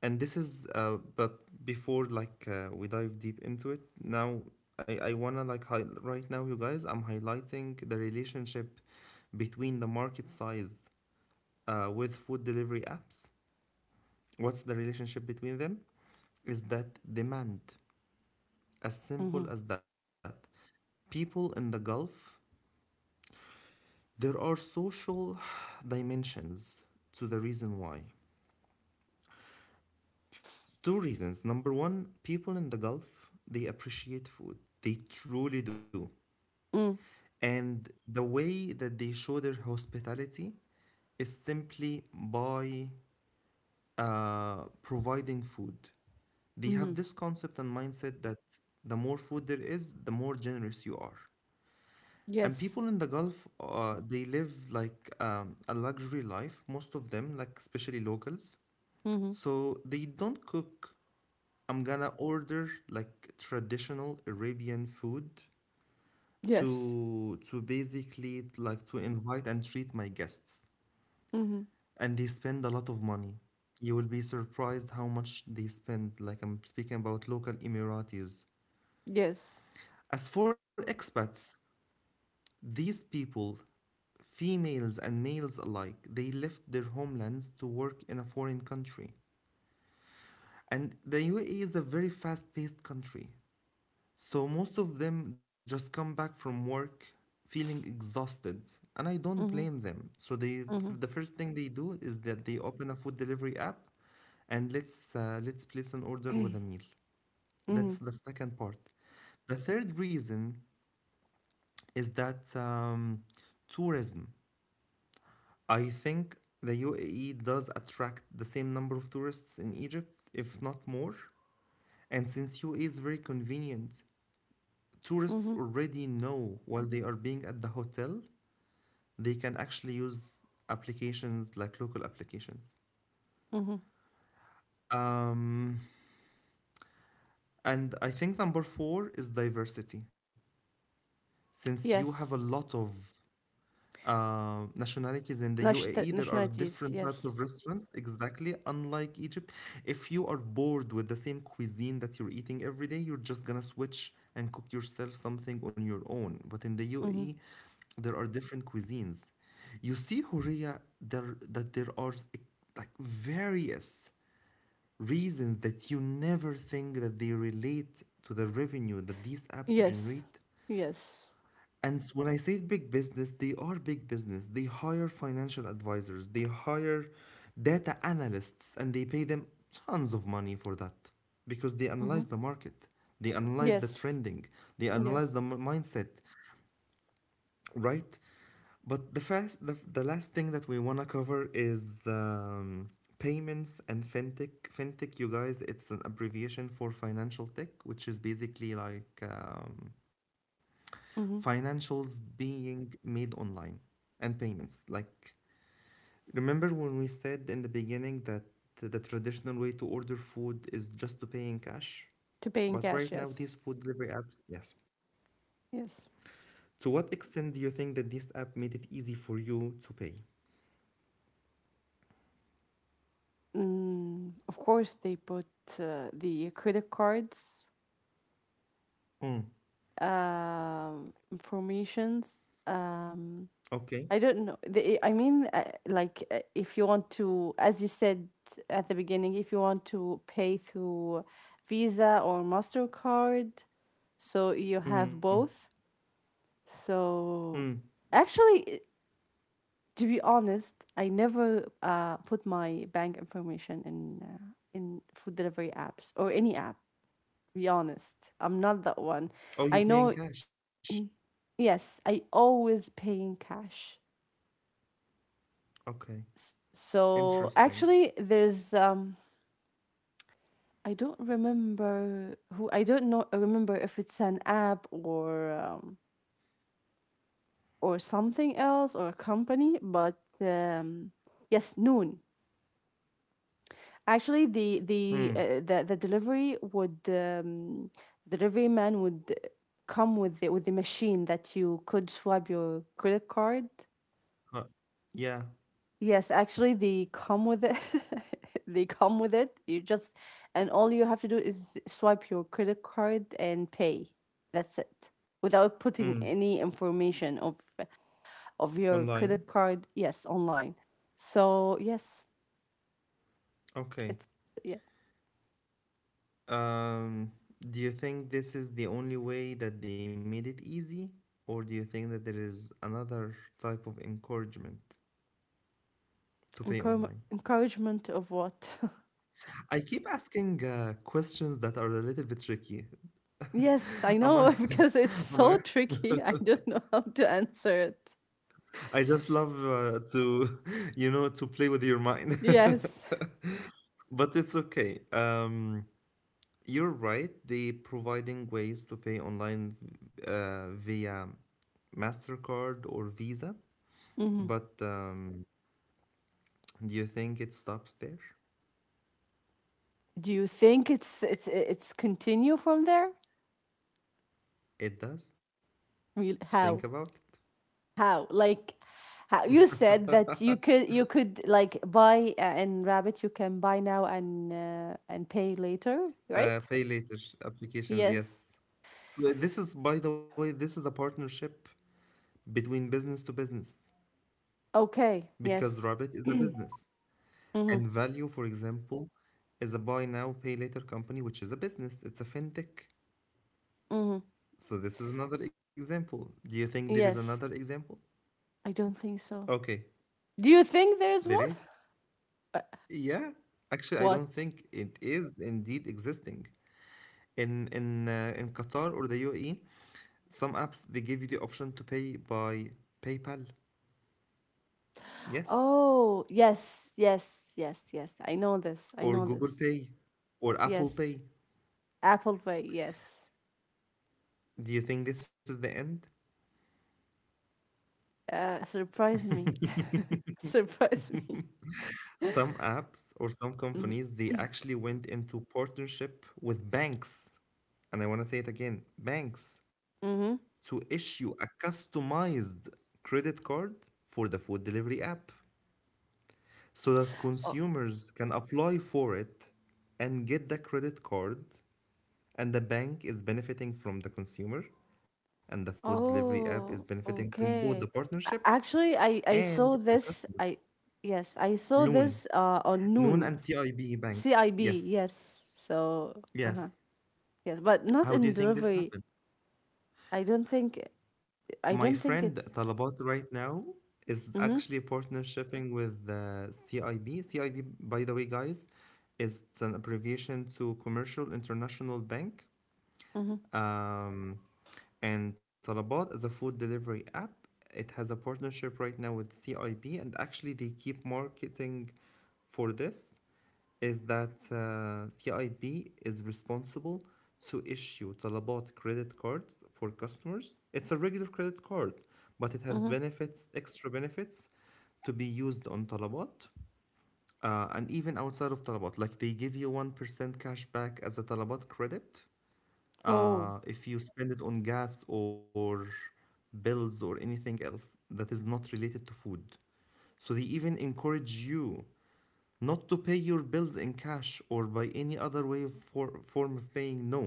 Speaker 1: and this is but before we dive deep into it, I wanna right now you guys, I'm highlighting the relationship between the market size with food delivery apps. What's the relationship between them? Is that demand. As
Speaker 2: Mm-hmm.
Speaker 1: simple as that. People in the Gulf, there are social dimensions to the reason why. Two reasons. Number one, people in the Gulf, they appreciate food. They truly do.
Speaker 2: Mm.
Speaker 1: And the way that they show their hospitality is simply by providing food. They
Speaker 2: Mm-hmm.
Speaker 1: have this concept and mindset that the more food there is, the more generous you are. And
Speaker 2: Yes.
Speaker 1: people in the Gulf, they live like a luxury life, most of them, like especially locals.
Speaker 2: Mm-hmm.
Speaker 1: So they don't cook. I'm gonna order like traditional Arabian food
Speaker 2: Yes.
Speaker 1: to basically like to invite and treat my guests.
Speaker 2: Mm-hmm.
Speaker 1: And they spend a lot of money. You will be surprised how much they spend. Like I'm speaking about local Emiratis.
Speaker 2: Yes.
Speaker 1: As for expats, these people females and males alike, they left their homelands to work in a foreign country. And the UAE is a very fast paced country. So most of them just come back from work feeling exhausted. And I don't
Speaker 2: Mm-hmm.
Speaker 1: blame them. So they,
Speaker 2: Mm-hmm.
Speaker 1: the first thing they do is that they open a food delivery app and let's place an order with a meal.
Speaker 2: Mm-hmm.
Speaker 1: That's the second part. The third reason is that tourism. I think the UAE does attract the same number of tourists in Egypt, if not more. And since UAE is very convenient, tourists
Speaker 2: Mm-hmm.
Speaker 1: already know while they are being at the hotel, they can actually use applications like local applications.
Speaker 2: Mm-hmm.
Speaker 1: Um, and I think number four is diversity. Since you have a
Speaker 2: Yes.
Speaker 1: lot of nationalities in the UAE. There are
Speaker 2: Nationalities.
Speaker 1: different types
Speaker 2: Yes.
Speaker 1: of restaurants, exactly, unlike Egypt. If you are bored with the same cuisine that you're eating every day, you're just gonna switch and cook yourself something on your own. But in the
Speaker 2: Mhm.
Speaker 1: UAE, there are different cuisines. You see, Horea, there like various reasons that you never think that they relate to the revenue that these apps
Speaker 2: Yes.
Speaker 1: generate
Speaker 2: Yes.
Speaker 1: and when I say big business, they are big business. They hire financial advisors, they hire data analysts, and they pay them tons of money for that because they
Speaker 2: Mhm.
Speaker 1: analyze the market, they analyze the
Speaker 2: Yes.
Speaker 1: trending, they analyze
Speaker 2: Yes.
Speaker 1: the mindset, right? But the last thing that we want to cover is payments and fintech. Fintech, you guys, it's an abbreviation for financial tech, which is basically like.
Speaker 2: Mhm.
Speaker 1: Financials being made online and payments. Like, remember when we said in the beginning that the traditional way to order food is just to pay in cash?
Speaker 2: To pay in
Speaker 1: But
Speaker 2: cash.
Speaker 1: right now,
Speaker 2: Yes.
Speaker 1: these food delivery apps, yeah.
Speaker 2: Yes.
Speaker 1: To what extent do you think that this app made it easy for you to pay?
Speaker 2: Mm, of course, they put the credit cards,
Speaker 1: Mm,
Speaker 2: informations. I
Speaker 1: okay.
Speaker 2: don't know. They, I mean, like, if you want to, as you said at the beginning, if you want to pay through Visa or MasterCard, so you have
Speaker 1: Mm,
Speaker 2: both. So
Speaker 1: mm.
Speaker 2: actually, to be honest, I never put my bank information in food delivery apps or any app. To be honest, I'm not that one.
Speaker 1: Oh,
Speaker 2: I
Speaker 1: you
Speaker 2: know.
Speaker 1: pay in cash.
Speaker 2: Yes, I always pay in cash.
Speaker 1: Okay.
Speaker 2: So
Speaker 1: Interesting.
Speaker 2: actually, there's. I don't remember who. I don't know. Remember if it's an app or something else or a company, but yes, Noon. Actually, the the
Speaker 1: Mm,
Speaker 2: uh, the the delivery would delivery man would come with the machine that you could swipe your credit card.
Speaker 1: uh, yeah.
Speaker 2: Yes, actually, they come with it. They come with it. You just and all you have to do is swipe your credit card and pay. That's it. Without
Speaker 1: Mm,
Speaker 2: putting any information of your
Speaker 1: online.
Speaker 2: credit card, yes, online. So yes,
Speaker 1: Okay.
Speaker 2: it's yeah,
Speaker 1: Um, do you think this is the only way that they made it easy, or do you think that there is another type of encouragement to pay
Speaker 2: encourage
Speaker 1: online?
Speaker 2: encouragement of what.
Speaker 1: I keep asking questions that are a little bit tricky.
Speaker 2: Yes, I
Speaker 1: Am I?
Speaker 2: know because it's
Speaker 1: Am I?
Speaker 2: so tricky. I don't know how to answer it.
Speaker 1: I just love you know, to play with your mind.
Speaker 2: Yes.
Speaker 1: But it's okay. You're right. They providing ways to pay online via Mastercard or Visa, but do you think it stops there?
Speaker 2: Do you think it's continue from there?
Speaker 1: It does.
Speaker 2: Really?
Speaker 1: Think
Speaker 2: How?
Speaker 1: about it.
Speaker 2: How? Like how you said that you could like buy in Rabbit you can buy now and pay later, right?
Speaker 1: Pay later applications,
Speaker 2: Yes.
Speaker 1: yes. So this is, by the way, this is a partnership between business to business
Speaker 2: Okay.
Speaker 1: because
Speaker 2: Yes.
Speaker 1: Rabbit is a business
Speaker 2: Mhm.
Speaker 1: and Value, for example, is a buy now, pay later company, which is a business. It's a fintech.
Speaker 2: Mhm.
Speaker 1: So this is another example. Do you think there is
Speaker 2: Yes.
Speaker 1: another example?
Speaker 2: I don't think so.
Speaker 1: Okay,
Speaker 2: Do you think there's
Speaker 1: there
Speaker 2: one?
Speaker 1: is. Yeah, actually, I
Speaker 2: What?
Speaker 1: don't think it is indeed existing. In Qatar or the UAE, some apps they give you the option to pay by PayPal. Yes,
Speaker 2: Oh, yes, yes, yes, yes. I know this. I
Speaker 1: or
Speaker 2: know
Speaker 1: Google
Speaker 2: this.
Speaker 1: Pay, or Apple
Speaker 2: Yes.
Speaker 1: Pay.
Speaker 2: Apple Pay, yes.
Speaker 1: Do you think this is the end?
Speaker 2: Surprise me. Surprise me.
Speaker 1: Some apps or some
Speaker 2: Mm-hmm.
Speaker 1: companies they actually went into partnership with banks. And I want to say it again, banks
Speaker 2: Mm-hmm.
Speaker 1: to issue a customized credit card for the food delivery app so that
Speaker 2: Oh,
Speaker 1: consumers can apply for it and get the credit card and the bank is benefiting from the consumer and the food delivery app is
Speaker 2: oh,
Speaker 1: benefiting from both the
Speaker 2: okay.
Speaker 1: partnership
Speaker 2: Actually, I
Speaker 1: and
Speaker 2: saw
Speaker 1: the
Speaker 2: this.
Speaker 1: customer.
Speaker 2: I yes, I saw
Speaker 1: noon
Speaker 2: this on
Speaker 1: noon
Speaker 2: Noon.
Speaker 1: and CIB bank,
Speaker 2: CIB,
Speaker 1: yes,
Speaker 2: yes. So, uh-huh.
Speaker 1: yes.
Speaker 2: Yes, but not in
Speaker 1: How do you think this
Speaker 2: delivery.
Speaker 1: happened?
Speaker 2: I don't think I
Speaker 1: My
Speaker 2: don't think
Speaker 1: friend
Speaker 2: it's.
Speaker 1: Talabat right now is
Speaker 2: Mm-hmm.
Speaker 1: actually partnershiping with the CIB. CIB, by the way, guys, is an abbreviation to Commercial International Bank.
Speaker 2: Mm-hmm.
Speaker 1: Um, and Talabat is a food delivery app. It has a partnership right now with CIB, and actually they keep marketing for this is that CIB is responsible to issue طلبات credit cards for customers. It's a regular credit card, but it has
Speaker 2: Mm-hmm.
Speaker 1: benefits, extra benefits to be used on طلبات and even outside of طلبات. Like they give you 1% cash back as a طلبات credit
Speaker 2: Oh,
Speaker 1: if you spend it on gas or bills or anything else that is not related to food. So they even encourage you not to pay your bills in cash or by any other form of paying, no,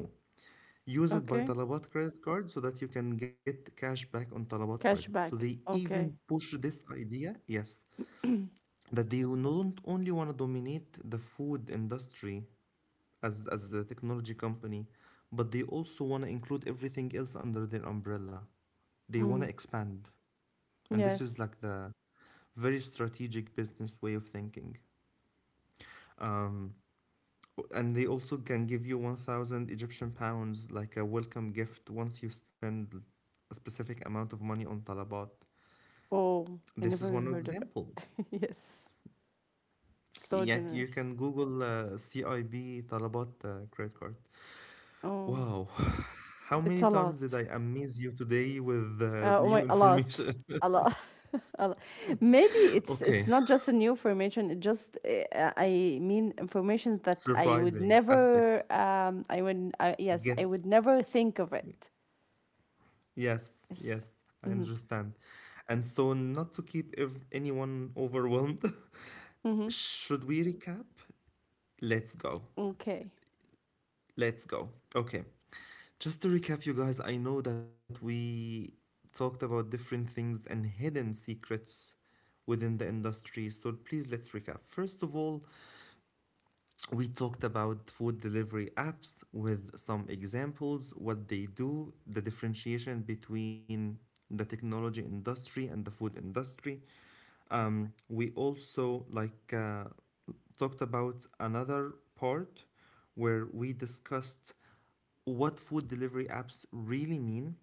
Speaker 1: use it by
Speaker 2: okay.
Speaker 1: talabat credit card so that you can get cash back on talabat credit, so they
Speaker 2: Cashback.
Speaker 1: even
Speaker 2: Okay.
Speaker 1: push this idea, yes, that they don't only want to dominate the food industry as a technology company but they also want to include everything else under their umbrella, they want to
Speaker 2: Mm.
Speaker 1: expand. And this
Speaker 2: Yes.
Speaker 1: is like the very strategic business way of thinking. um, and they also can give you 1,000 Egyptian pounds like a welcome gift once you spend a specific amount of money on طلبات.
Speaker 2: Oh, I
Speaker 1: This is
Speaker 2: never
Speaker 1: one
Speaker 2: heard of it.
Speaker 1: example.
Speaker 2: Yes. So
Speaker 1: Yeah, you
Speaker 2: generous.
Speaker 1: can Google CIB طلبات credit card.
Speaker 2: Oh,
Speaker 1: Wow. How
Speaker 2: it's
Speaker 1: many
Speaker 2: a
Speaker 1: times did
Speaker 2: lot.
Speaker 1: I amaze you today with
Speaker 2: Oh
Speaker 1: new
Speaker 2: my, a lot.
Speaker 1: information?
Speaker 2: A lot. A lot. Maybe it's
Speaker 1: Okay,
Speaker 2: not just a new information. It just I mean informations that I would
Speaker 1: surprising
Speaker 2: never
Speaker 1: aspects.
Speaker 2: I would yes I
Speaker 1: Yes,
Speaker 2: would never think of it.
Speaker 1: yes,
Speaker 2: Yes.
Speaker 1: yes, I
Speaker 2: Mm-hmm.
Speaker 1: understand. And so, not to anyone overwhelmed,
Speaker 2: Mm-hmm.
Speaker 1: should we recap? Let's go.
Speaker 2: Okay.
Speaker 1: Let's go. Okay. Just to recap, you guys, I know that we talked about different things and hidden secrets within the industry. So please let's recap. First of all, we talked about food delivery apps with some examples, what they do, the differentiation between the technology industry and the food industry. We also talked about another part where we discussed what food delivery apps really mean.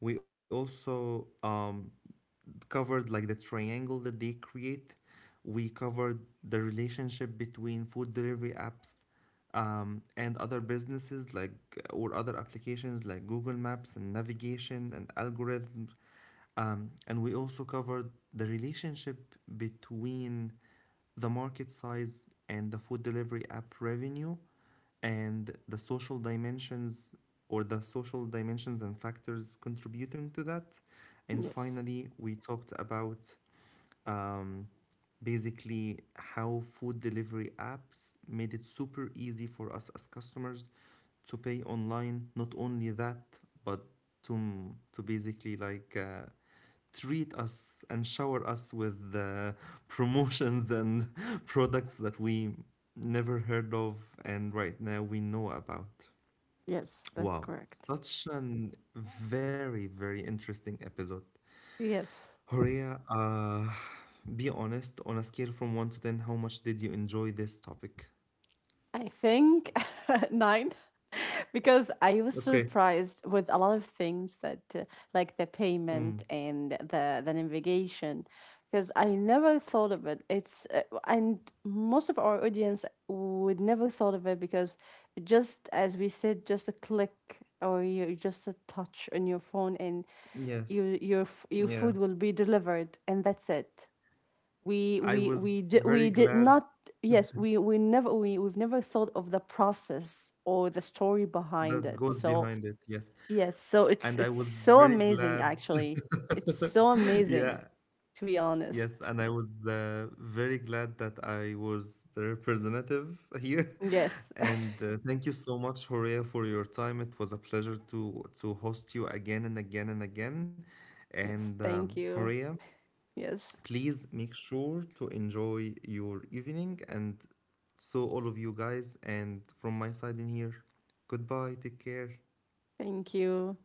Speaker 1: We also covered like the triangle that they create. We covered the relationship between food delivery apps and other businesses like or other applications like Google Maps and navigation and algorithms, and we also covered the relationship between the market size and the food delivery app revenue and the social dimensions or the social dimensions and factors contributing to that. And
Speaker 2: Yes.
Speaker 1: finally, we talked about um, basically how food delivery apps made it super easy for us as customers to pay online. Not only that, but to basically treat us and shower us with promotions and products that we never heard of and right now we know about.
Speaker 2: Yes, that's
Speaker 1: Wow,
Speaker 2: correct.
Speaker 1: such an very interesting episode.
Speaker 2: Yes.
Speaker 1: Horia, be honest, on a scale from 1 to 10, how much did you enjoy this topic?
Speaker 2: I think nine, because I was
Speaker 1: Okay.
Speaker 2: surprised with a lot of things that, like the payment
Speaker 1: Mm.
Speaker 2: and the navigation, because I never thought of it. It's and most of our audience would never thought of it because just as we said, just a click or you just a touch on your phone and
Speaker 1: Yes.
Speaker 2: your
Speaker 1: Yeah.
Speaker 2: food will be delivered and that's it.
Speaker 1: I was very
Speaker 2: We did
Speaker 1: glad
Speaker 2: not yes we've never thought of the process or the story behind
Speaker 1: that
Speaker 2: it
Speaker 1: goes
Speaker 2: so
Speaker 1: behind it. Yes.
Speaker 2: yes so
Speaker 1: And I
Speaker 2: it's
Speaker 1: was
Speaker 2: so
Speaker 1: very
Speaker 2: amazing
Speaker 1: glad.
Speaker 2: actually. It's so amazing
Speaker 1: Yeah,
Speaker 2: to be honest.
Speaker 1: yes, and I was very glad that I was the representative here.
Speaker 2: Yes.
Speaker 1: And thank you so much, Horea, for your time. It was a pleasure to host you again and again and again. And
Speaker 2: Yes, thank you.
Speaker 1: Horea,
Speaker 2: Yes,
Speaker 1: please make sure to enjoy your evening, and so all of you guys. And from my side in here, goodbye. Take care.
Speaker 2: thank you.